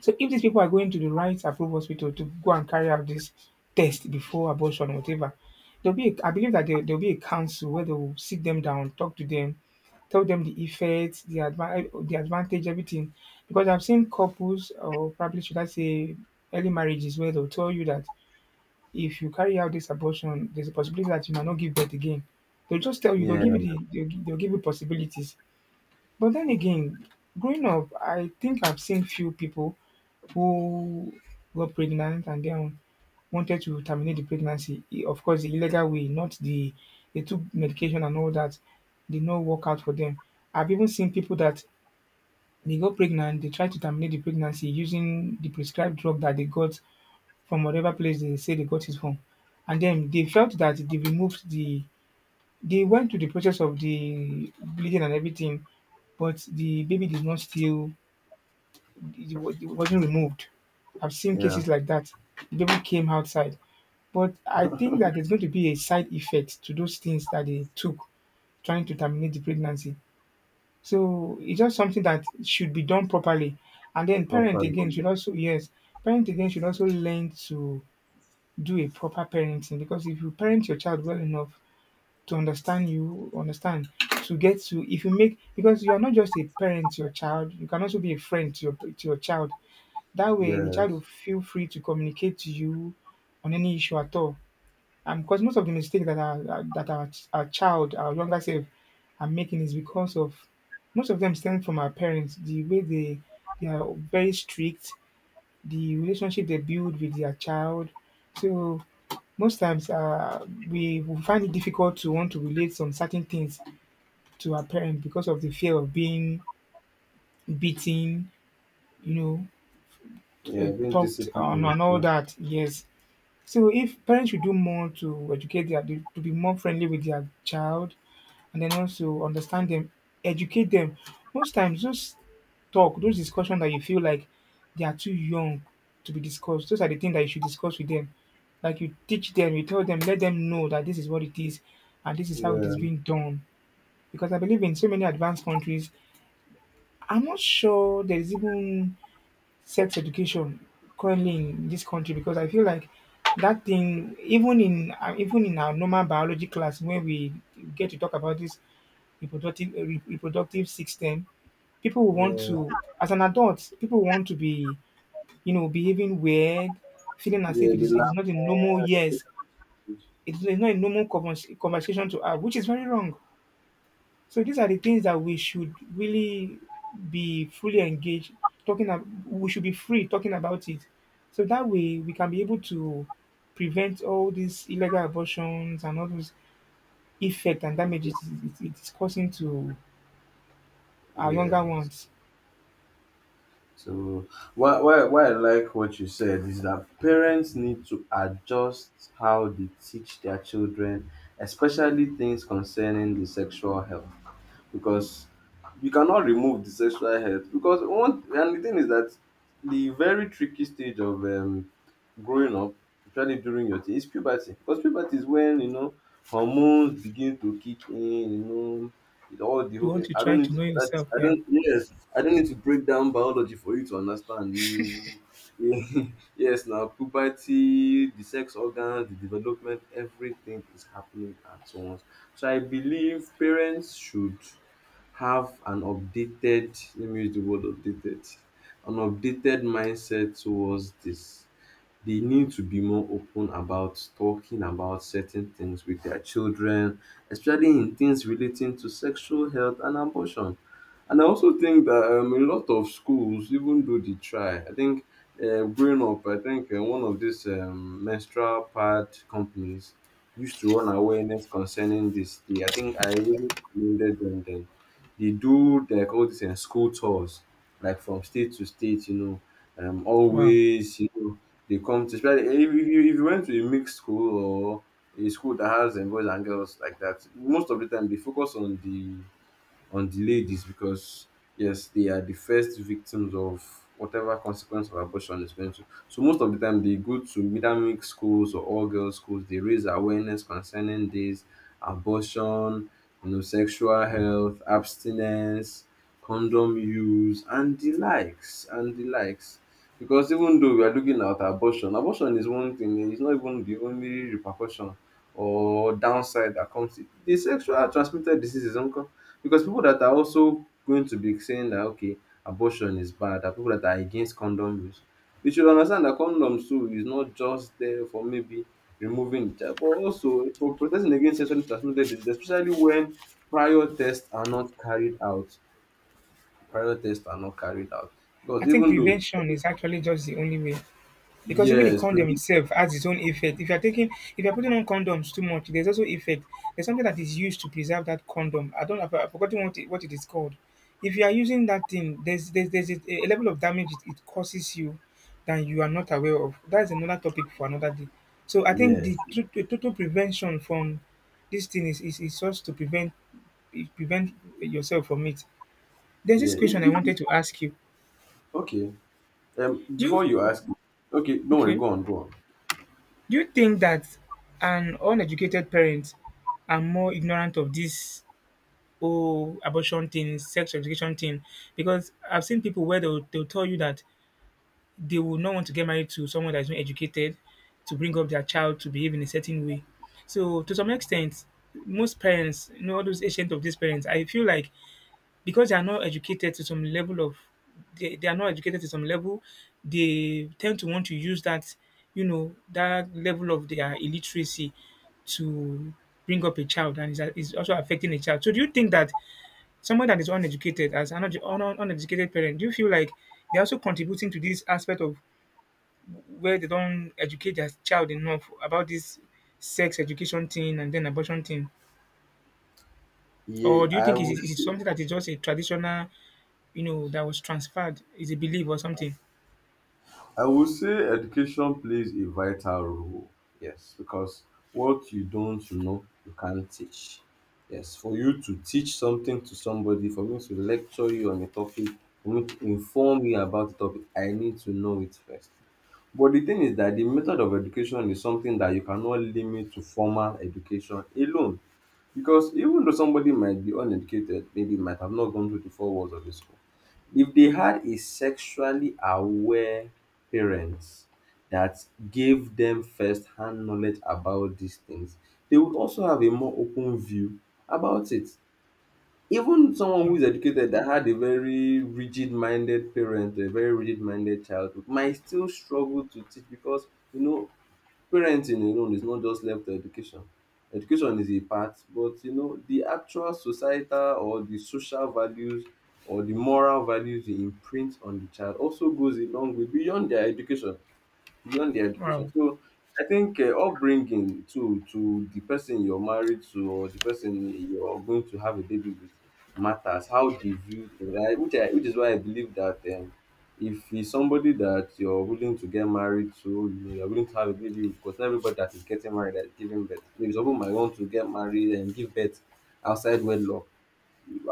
[SPEAKER 2] So if these people are going to the right approved hospital to go and carry out this test before abortion, or whatever, I believe that there'll be a council where they will sit them down, talk to them, tell them the effects, the advantage, everything. Because I've seen couples, or probably should I say, early marriages where they'll tell you that if you carry out this abortion, there's a possibility that you might not give birth again. They'll just tell you,
[SPEAKER 1] yeah,
[SPEAKER 2] they'll give you possibilities. But then again, growing up, I think I've seen few people who were pregnant and then wanted to terminate the pregnancy. Of course, the illegal way, not the they took medication and all that did not work out for them. I've even seen people that they got pregnant, they try to terminate the pregnancy using the prescribed drug that they got from whatever place they say they got it from. And then they felt that they removed the they went through the process of the bleeding and everything, but the baby did not still it wasn't removed. I've seen
[SPEAKER 1] yeah.
[SPEAKER 2] cases like that. The baby came outside. But I think that there's going to be a side effect to those things that they took trying to terminate the pregnancy. So it's just something that should be done properly. And then parent
[SPEAKER 1] Properly.
[SPEAKER 2] again should also yes, parent again should also learn to do a proper parenting because if you parent your child well enough, to understand you, understand, to get to if you make because you are not just a parent to your child, you can also be a friend to your child. That way the
[SPEAKER 1] Yes.
[SPEAKER 2] child will feel free to communicate to you on any issue at all. And because most of the mistakes that our child, our younger self are making is because of most of them stem from our parents, the way they are very strict the relationship they build with their child. So most times we will find it difficult to want to relate some certain things to our parents because of the fear of being beaten, you know,
[SPEAKER 1] Yeah, being
[SPEAKER 2] talked on
[SPEAKER 1] disciplined.
[SPEAKER 2] and all
[SPEAKER 1] Yeah,
[SPEAKER 2] that. Yes. So if parents should do more to educate their to be more friendly with their child and then also understand them, educate them. Most times those talk, those discussion that you feel like they are too young to be discussed, those are the things that you should discuss with them. Like you teach them, you tell them, let them know that this is what it is and this is how it
[SPEAKER 1] yeah,
[SPEAKER 2] is being done. Because I believe in so many advanced countries, I'm not sure there is even sex education currently in this country because I feel like that thing, even in even in our normal biology class, when we get to talk about this reproductive reproductive system, people will want
[SPEAKER 1] yeah.
[SPEAKER 2] to, as an adult, people want to be, behaving weird, feeling as if
[SPEAKER 1] Yeah, be
[SPEAKER 2] it is not a normal
[SPEAKER 1] laughing.
[SPEAKER 2] yes, it is not a normal conversation to have, which is very wrong. So these are the things that we should really be fully engaged talking about we should be free talking about it. So that way we can be able to prevent all these illegal abortions and all those effect and damages it is causing to our younger
[SPEAKER 1] Yes.
[SPEAKER 2] ones.
[SPEAKER 1] So why I like what you said is that parents need to adjust how they teach their children, especially things concerning the sexual health, because you cannot remove the sexual health. Because one, and the thing is that the very tricky stage of growing up, especially during your teen, is puberty. Because puberty is when you know hormones begin to kick in. You know, with all the
[SPEAKER 2] You
[SPEAKER 1] whole,
[SPEAKER 2] want to
[SPEAKER 1] I don't
[SPEAKER 2] try
[SPEAKER 1] need
[SPEAKER 2] to
[SPEAKER 1] to.
[SPEAKER 2] know
[SPEAKER 1] That,
[SPEAKER 2] yourself,
[SPEAKER 1] I
[SPEAKER 2] yeah.
[SPEAKER 1] don't. Yes, I don't need to break down biology for you to understand. You, yes, now puberty, the sex organs, the development, everything is happening at once. So I believe parents should have an updated. Let me use the word updated. An updated mindset towards this, they need to be more open about talking about certain things with their children, especially in things relating to sexual health and abortion. And I also think that a lot of schools, even though they try, I think growing up, I think one of these menstrual pad companies used to run awareness concerning this. They, I think I really commended them. Then they do like all these school tours, like from state to state, you know,
[SPEAKER 2] Wow.
[SPEAKER 1] always, you know, they come to, especially if you, if you went to a mixed school or a school that has boys and girls like that. Most of the time they focus on the ladies, because yes, they are the first victims of whatever consequence of abortion is going to. So most of the time they go to either mixed schools or all girls schools. They raise awareness concerning this abortion, you know, sexual health, abstinence, condom use, and the likes, and the likes. Because even though we are looking at abortion, abortion is one thing. It's not even the only repercussion or downside that comes. The sexual transmitted diseases, uncle, because people that are also going to be saying that okay, abortion is bad are people that are against condom use. They should understand that condoms too is not just there for maybe removing the child, but also for protecting against sexually transmitted disease, especially when prior tests are not carried out. Prior tests are not carried out. Because
[SPEAKER 2] I think
[SPEAKER 1] even though
[SPEAKER 2] prevention is actually just the only way. Because even the
[SPEAKER 1] yes,
[SPEAKER 2] condom
[SPEAKER 1] previ-
[SPEAKER 2] itself has its own effect. If you're putting on condoms too much, there's also effect. There's something that is used to preserve that condom. I don't, I've forgotten what it is called. If you are using that thing, a level of damage it causes you that you are not aware of. That's another topic for another day. So I think
[SPEAKER 1] yes,
[SPEAKER 2] the total prevention from this thing is just to prevent yourself from it. There's
[SPEAKER 1] yeah,
[SPEAKER 2] this
[SPEAKER 1] if,
[SPEAKER 2] question I
[SPEAKER 1] if
[SPEAKER 2] wanted to ask you.
[SPEAKER 1] okay,
[SPEAKER 2] Do
[SPEAKER 1] before you
[SPEAKER 2] you
[SPEAKER 1] ask okay, don't worry,
[SPEAKER 2] okay?
[SPEAKER 1] go on, go on.
[SPEAKER 2] Do you think that an uneducated parent are more ignorant of this whole abortion thing, sex education thing? Because I've seen people where they'll tell you that they will not want to get married to someone that's not educated to bring up their child to behave in a certain way. So, to some extent, most parents, you know, all those ancient of these parents, I feel like because they are not educated to some level of they are not educated to some level, they tend to want to use that, you know, that level of their illiteracy to bring up a child and is also affecting a child. So do you think that someone that is uneducated as an uneducated parent, do you feel like they're also contributing to this aspect of where they don't educate their child enough about this sex education thing and then abortion thing?
[SPEAKER 1] Yeah,
[SPEAKER 2] Or do you think it is something that is just a traditional you know, that was transferred is a belief or something.
[SPEAKER 1] I would say education plays a vital role, yes, because what you don't know, you can't teach. Yes, for you to teach something to somebody, for me to lecture you on a topic, for me to inform you about the topic, I need to know it first. But the thing is that the method of education is something that you cannot limit to formal education alone. Because even though somebody might be uneducated, maybe might have not gone through the four walls of a school, if they had a sexually aware parents that gave them first-hand knowledge about these things, they would also have a more open view about it. Even someone who
[SPEAKER 2] Oh,
[SPEAKER 1] is educated that had a very rigid-minded parent, a very rigid-minded childhood might still struggle to teach, because you know parenting alone is not just left to education. Education is a part, but you know the actual societal or the social values or the moral values you imprint on the child also goes a long way beyond their education beyond the
[SPEAKER 2] wow.
[SPEAKER 1] education. So I think upbringing to the person you're married to or the person you're going to have a baby with matters. How they view things, which which is why I believe that if he's somebody that you're willing to get married to, you know, you're willing to have a baby with, because not everybody that is getting married that is giving birth. Maybe some people might want to get married and give birth outside wedlock.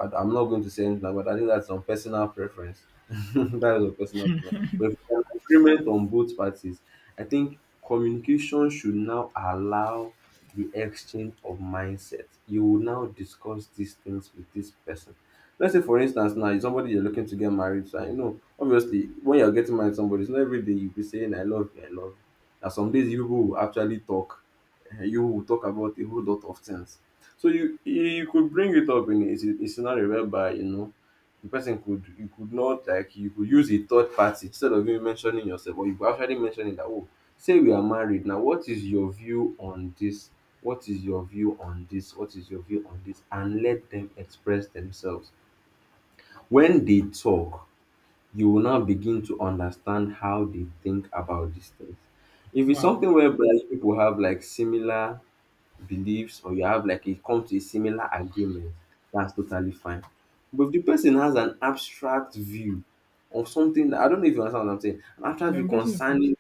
[SPEAKER 1] I'm not going to say anything, but I think that's on personal preference. That is a personal preference. But if there's agreement on both parties, I think communication should now allow the exchange of mindset. You will now discuss these things with this person. Let's say, for instance, now it's somebody you're looking to get married to, and you know, obviously, when you're getting married to somebody, it's not every day you'll be saying, I love you, I love you. Now, some days you will actually talk, eh, you will talk about a whole lot of things, so you could bring it up in a scenario whereby you know the person could, you could not like, you could use a third party instead of you mentioning yourself, or you could actually mention that oh, say we are married now. What is your view on this? What is your view on this? What is your view on this? And let them express themselves. When they talk, you will now begin to understand how they think about these things. If it's
[SPEAKER 2] Wow.
[SPEAKER 1] something whereby people have like similar beliefs, or you have like a come to a similar agreement, that's totally fine. But if the person has an abstract view of something that, I don't know if you understand what I'm saying, an abstract
[SPEAKER 2] Yeah,
[SPEAKER 1] view
[SPEAKER 2] I'm getting your point.
[SPEAKER 1] concerning.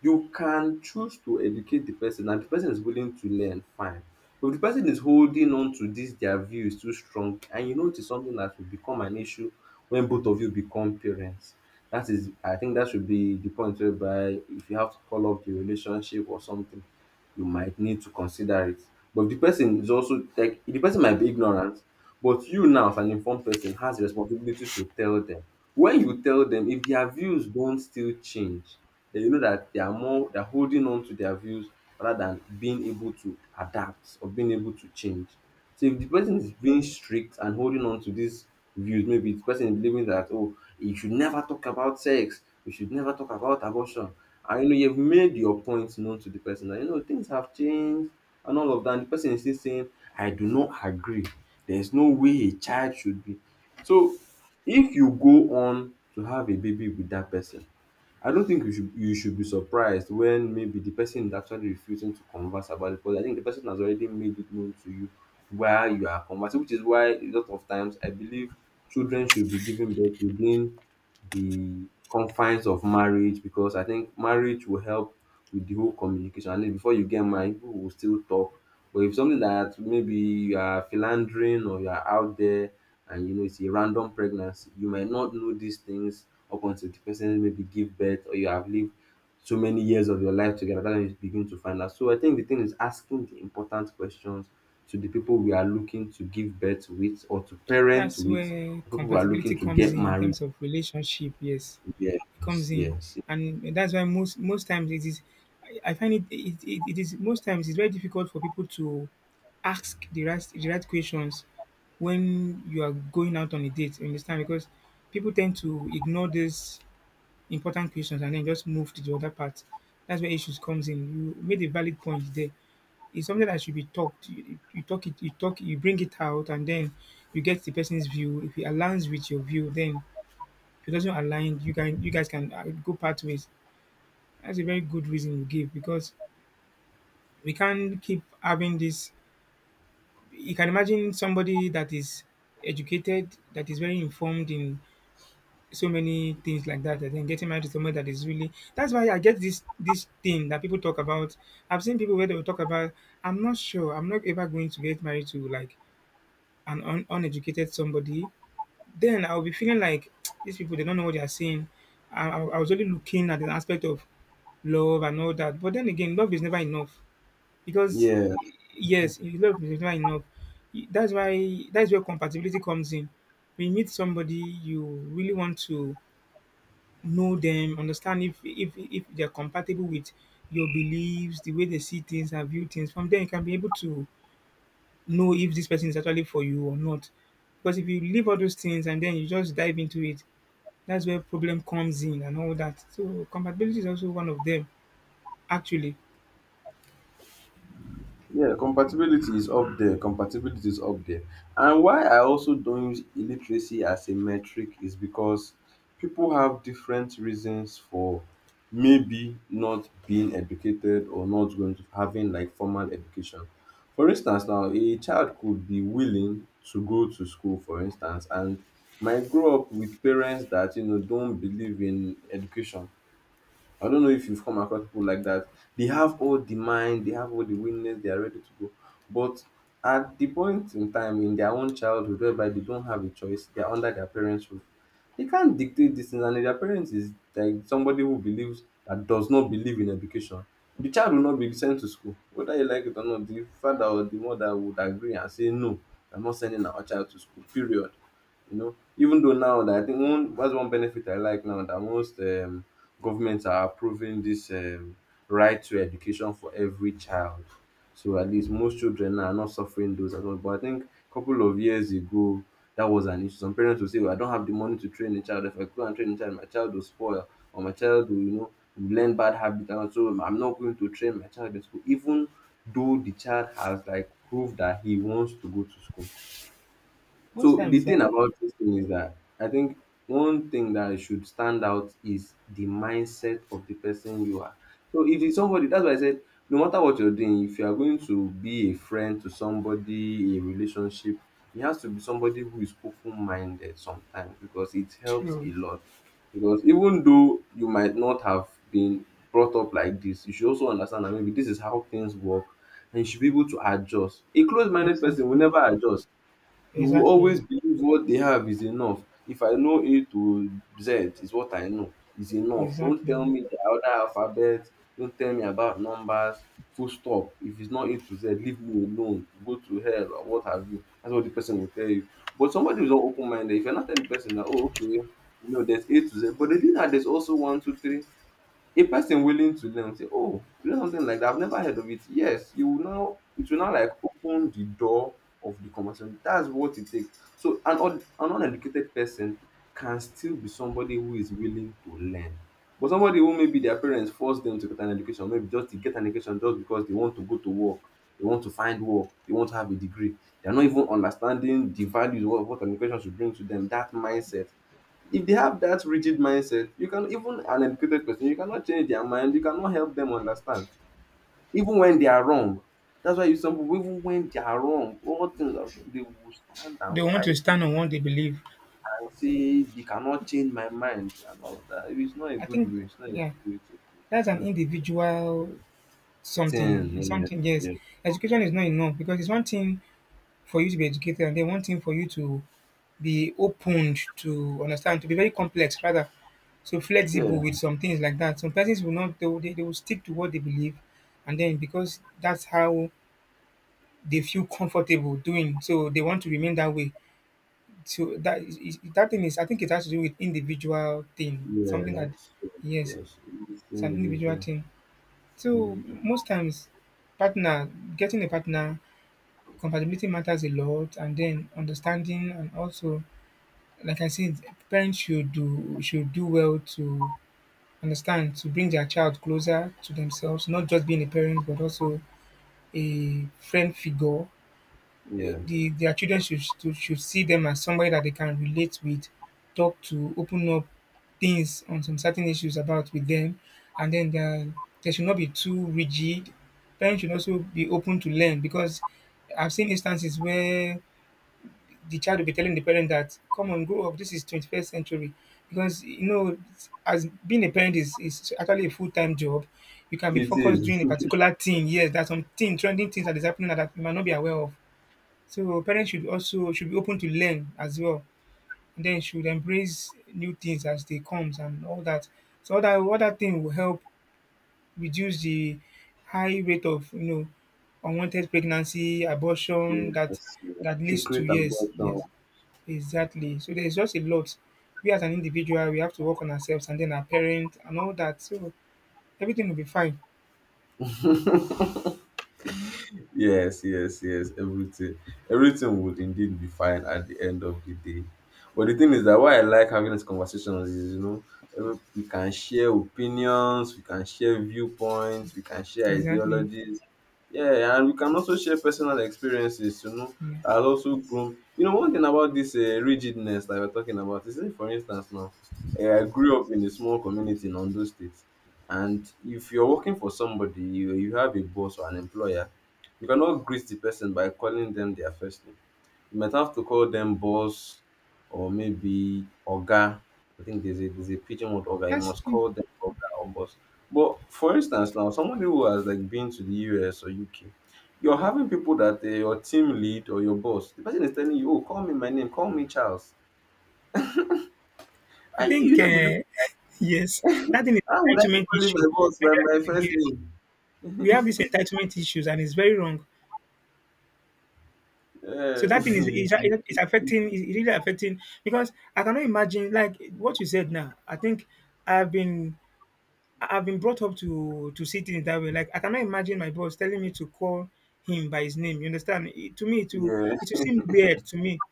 [SPEAKER 1] You can choose to educate the person, and the person is willing to learn, fine. But if the person is holding on to this, their view is too strong and you know it is something that will become an issue when both of you become parents. That, is I think, that should be the point whereby if you have to call off the relationship or something, you might need to consider it. But if the person is also like, the person might be ignorant, but you now as an informed person has the responsibility to tell them. When you tell them, if their views don't still change, then you know that they are more they're holding on to their views rather than being able to adapt or being able to change. So if the person is being strict and holding on to these views, maybe the person is believing that, oh, you should never talk about sex, you should never talk about abortion. And you know you've made your points known to the person that you know things have changed and all of that. And the person is still saying, I do not agree. There's no way a child should be. So if you go on to have a baby with that person, I don't think you should be surprised when maybe the person is actually refusing to converse about it, because I think the person has already made it known to you while you are conversing. Which is why a lot of times I believe children should be given birth within the confines of marriage, because I think marriage will help with the whole communication. And then before you get married, people will still talk. But if something that maybe you are philandering or you are out there, and you know it's a random pregnancy, you might not know these things up until the person maybe give birth, or you have lived so many years of your life together. That's when you begin to find out. So I think the thing is asking the important questions to the people we are looking to give birth with or to parent
[SPEAKER 2] That's
[SPEAKER 1] with,
[SPEAKER 2] where
[SPEAKER 1] or people we are
[SPEAKER 2] compatibility
[SPEAKER 1] looking to
[SPEAKER 2] comes
[SPEAKER 1] get
[SPEAKER 2] in
[SPEAKER 1] married
[SPEAKER 2] terms of relationship. Yes,
[SPEAKER 1] to.
[SPEAKER 2] it
[SPEAKER 1] Yes,
[SPEAKER 2] comes in,
[SPEAKER 1] yes.
[SPEAKER 2] and that's why most times it is. I find it is most times it's very difficult for people to ask the right questions when you are going out on a date. You understand? Because people tend to ignore these important questions and then just move to the other part. That's where issues comes in. You made a valid point there. It's something that should be talked. You talk it, you talk, you bring it out, and then you get the person's view. If it aligns with your view, then if it doesn't align, you can you guys can go pathways. That's a very good reason you give because we can't keep having this. You can imagine somebody that is educated, that is very informed in so many things like that, and then getting married to someone that is really. That's why I get this thing that people talk about. I've seen people where they will talk about. I'm not sure. I'm not ever going to get married to like an uneducated somebody, then I'll be feeling like these people they don't know what they are saying. I was only looking at the aspect of love and all that, but then again, love is never enough because
[SPEAKER 1] Yeah,
[SPEAKER 2] yes, love is never enough. That's where compatibility comes in. When you meet somebody, you really want to know them, understand if they're compatible with your beliefs, the way they see things and view things. From there, you can be able to know if this person is actually for you or not. Because if you leave all those things and then you just dive into it, that's where problem comes in and all that. So compatibility is also one of them. Actually,
[SPEAKER 1] yeah, compatibility is up there. Compatibility is up there. And why I also don't use illiteracy as a metric is because people have different reasons for maybe not being educated or not going to having like formal education. For instance, now a child could be willing to go to school, for instance, and might grow up with parents that, you know, don't believe in education. I don't know if you've come across people like that. They have all the mind, they have all the willingness, they are ready to go. But at the point in time in their own childhood whereby they don't have a choice, they are under their parents' roof. They can't dictate these things, and if their parents is like somebody who believes that, does not believe in education, the child will not be sent to school. Whether you like it or not, the father or the mother would agree and say, no, I'm not sending our child to school, period. You know, even though now, that I think, one that's one benefit I like now, that most governments are approving this right to education for every child. So at least most children now are not suffering those at all. But I think a couple of years ago that was an issue. Some parents will say, well, I don't have the money to train a child. If I go and train a child, my child will spoil, or my child will, you know, learn bad habits, and so I'm not going to train my child in school, even though the child has like proved that he wants to go to school.
[SPEAKER 2] most
[SPEAKER 1] So the
[SPEAKER 2] times,
[SPEAKER 1] thing
[SPEAKER 2] like,
[SPEAKER 1] about this thing is that I think one thing that should stand out is the mindset of the person you are. So if it's somebody, that's why I said, no matter what you're doing, if you are going to be a friend to somebody, a relationship, it has to be somebody who is open-minded sometimes, because it helps
[SPEAKER 2] true,
[SPEAKER 1] a lot. Because even though you might not have been brought up like this, you should also understand that maybe this is how things work and you should be able to adjust. A closed-minded person will
[SPEAKER 2] exactly,
[SPEAKER 1] never adjust. You will
[SPEAKER 2] exactly,
[SPEAKER 1] always believe what they have is enough. If I know A to Z is what I know is enough. Don't
[SPEAKER 2] exactly.
[SPEAKER 1] tell me the other alphabet. Don't tell me about numbers. Full stop. If it's not A to Z, leave me alone. Go to hell or what have you. That's what the person will tell you. But somebody who's not open minded, if you're not telling the person that, oh, okay, you know, there's A to Z, but they do that, there's also one, two, three, a person willing to learn say, "Oh, you know something like that? I've never heard of it." Yes, you will now, it will now like open the door of the conversation. That's what it takes. So an uneducated person can still be somebody who is willing to learn. But somebody who maybe their parents force them to get an education, maybe just to get an education just because they want to go to work, they want to find work, they want to have a degree, they're not even understanding the values of what an education should bring to them. That mindset, if they have that rigid mindset, you can, even an educated person, you cannot change their mind, you cannot help them understand even when they are wrong. That's why, you, some people, even when they are wrong, all things are sure, they will stand
[SPEAKER 2] They
[SPEAKER 1] and
[SPEAKER 2] want
[SPEAKER 1] fight
[SPEAKER 2] to
[SPEAKER 1] to,
[SPEAKER 2] stand on what they believe.
[SPEAKER 1] and say they cannot change my mind and all of that. It's not a
[SPEAKER 2] I
[SPEAKER 1] good
[SPEAKER 2] think,
[SPEAKER 1] way, it's not a
[SPEAKER 2] yeah,
[SPEAKER 1] good way to think,
[SPEAKER 2] that's
[SPEAKER 1] it's
[SPEAKER 2] an
[SPEAKER 1] not a good
[SPEAKER 2] individual something.
[SPEAKER 1] thing.
[SPEAKER 2] It's
[SPEAKER 1] Yes,
[SPEAKER 2] something. Yes,
[SPEAKER 1] yes.
[SPEAKER 2] education is not enough because it's one thing for you to be educated, and then one thing for you to be opened to understand, to be very complex rather. So
[SPEAKER 1] Yeah.
[SPEAKER 2] flexible with some things like that. Some persons will not they will stick to what they believe and then because that's how they feel comfortable doing. So they want to remain that way. So that that thing is I think it has to do with individual thing.
[SPEAKER 1] Yeah,
[SPEAKER 2] Something that
[SPEAKER 1] yes, yes,
[SPEAKER 2] yes,
[SPEAKER 1] yes, it's
[SPEAKER 2] it's an individual
[SPEAKER 1] individual.
[SPEAKER 2] thing.
[SPEAKER 1] It's
[SPEAKER 2] So
[SPEAKER 1] individual.
[SPEAKER 2] most times partner getting a partner compatibility matters a lot and then understanding and also like I said, parents should do well to understand to bring their child closer to themselves, not just being a parent but also a friend figure.
[SPEAKER 1] Yeah.
[SPEAKER 2] Their children should, should see them as somebody that they can relate with, talk to, open up things on some certain issues about with them, and then there, they should not be too rigid. Parents should also be open to learn because I've seen instances where the child will be telling the parent that, come on, grow up. This is 21st century. Because, you know, as being a parent is actually a full time job, you can be
[SPEAKER 1] It
[SPEAKER 2] focused doing
[SPEAKER 1] is.
[SPEAKER 2] a particular thing. Yes, there's some thing, trending things that is happening that you might not be aware of. So parents should also should be open to learn as well. And then should embrace new things as they comes and all that. So all that thing will help reduce the high rate of you know unwanted pregnancy, abortion that
[SPEAKER 1] Yes, yes.
[SPEAKER 2] that leads to
[SPEAKER 1] Secret
[SPEAKER 2] yes,
[SPEAKER 1] abortion.
[SPEAKER 2] yes. Exactly. So there's just a lot. We as an individual, we have to work on ourselves and then our parents and all that. So everything will be fine.
[SPEAKER 1] Yes, yes, yes. Everything, everything would indeed be fine at the end of the day. But the thing is that why I like having these conversations is, you know, we can share opinions, we can share viewpoints, we can share
[SPEAKER 2] Exactly.
[SPEAKER 1] ideologies. Yeah, and we can also share personal experiences, you know,
[SPEAKER 2] Yeah.
[SPEAKER 1] and also groom. You know, one thing about this rigidness that we're talking about is, say, for instance, now, I grew up in a small community in Ondo State, and if you're working for somebody, you, have a boss or an employer, you cannot greet the person by calling them their first name. You might have to call them boss, or maybe oga. I think there's a pigeon word oga. You
[SPEAKER 2] That's.
[SPEAKER 1] must call them oga or boss. But for instance, now somebody who has like been to the US or UK, you're having people that, your team lead or your boss, the person is telling you, "Oh, call me my name, call me Charles,"
[SPEAKER 2] I
[SPEAKER 1] and you
[SPEAKER 2] think.
[SPEAKER 1] not be looking.
[SPEAKER 2] Yes, that thing
[SPEAKER 1] How would
[SPEAKER 2] is
[SPEAKER 1] I be
[SPEAKER 2] entitlement
[SPEAKER 1] calling my
[SPEAKER 2] issue.
[SPEAKER 1] boss by
[SPEAKER 2] Nigeria-
[SPEAKER 1] my first
[SPEAKER 2] Yes,
[SPEAKER 1] name?
[SPEAKER 2] we have these entitlement issues, and it's very wrong. So
[SPEAKER 1] Uh,
[SPEAKER 2] that is affecting. Is really affecting because I cannot imagine like what you said now. I think I've been I've been brought up to see things that way. Like I cannot imagine my boss telling me to call him by his name. You understand? It, to me,
[SPEAKER 1] yeah,
[SPEAKER 2] it will seem weird to me.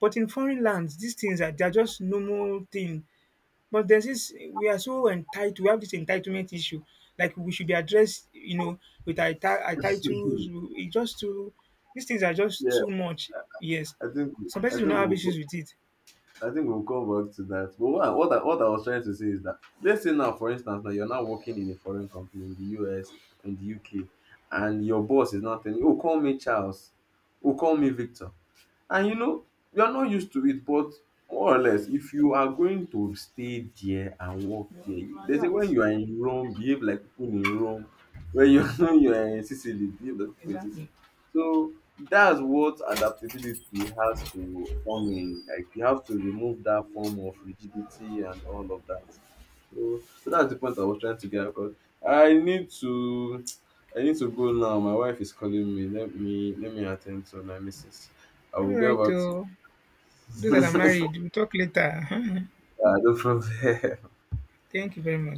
[SPEAKER 2] But in foreign lands, these things are they're just normal thing. But there's this we are so entitled. We have this entitlement issue. Like we should be addressed, you know, with our titles. It just too these things are just
[SPEAKER 1] yeah.
[SPEAKER 2] too much. Yes,
[SPEAKER 1] I think,
[SPEAKER 2] some
[SPEAKER 1] I
[SPEAKER 2] persons do not
[SPEAKER 1] think
[SPEAKER 2] have
[SPEAKER 1] we'll
[SPEAKER 2] issues with it.
[SPEAKER 1] I think we'll come back to that. But what I was trying to say is that, let's say now, for instance, now you're now working in a foreign company in the US, in the UK, and your boss is not telling you, oh, call me Charles, oh, call me Victor. And you know, you're not used to it, but more or less, if you are going to stay there and work
[SPEAKER 2] You
[SPEAKER 1] there,
[SPEAKER 2] know,
[SPEAKER 1] they say when
[SPEAKER 2] adapt
[SPEAKER 1] you are in Rome, behave like people in Rome. When you when you are in Sicily, behave like people in Sicily.
[SPEAKER 2] exactly.
[SPEAKER 1] So that's what adaptability has to come in. Like you have to remove that form of rigidity and all of that. So that's the point I was trying to get across. I need to I need to go now. My wife is calling me. Let me attend to my missus.
[SPEAKER 2] All
[SPEAKER 1] Aluga o
[SPEAKER 2] right,
[SPEAKER 1] auxiliar
[SPEAKER 2] oh, those that are married, we'll talk later.
[SPEAKER 1] do
[SPEAKER 2] Thank you very much.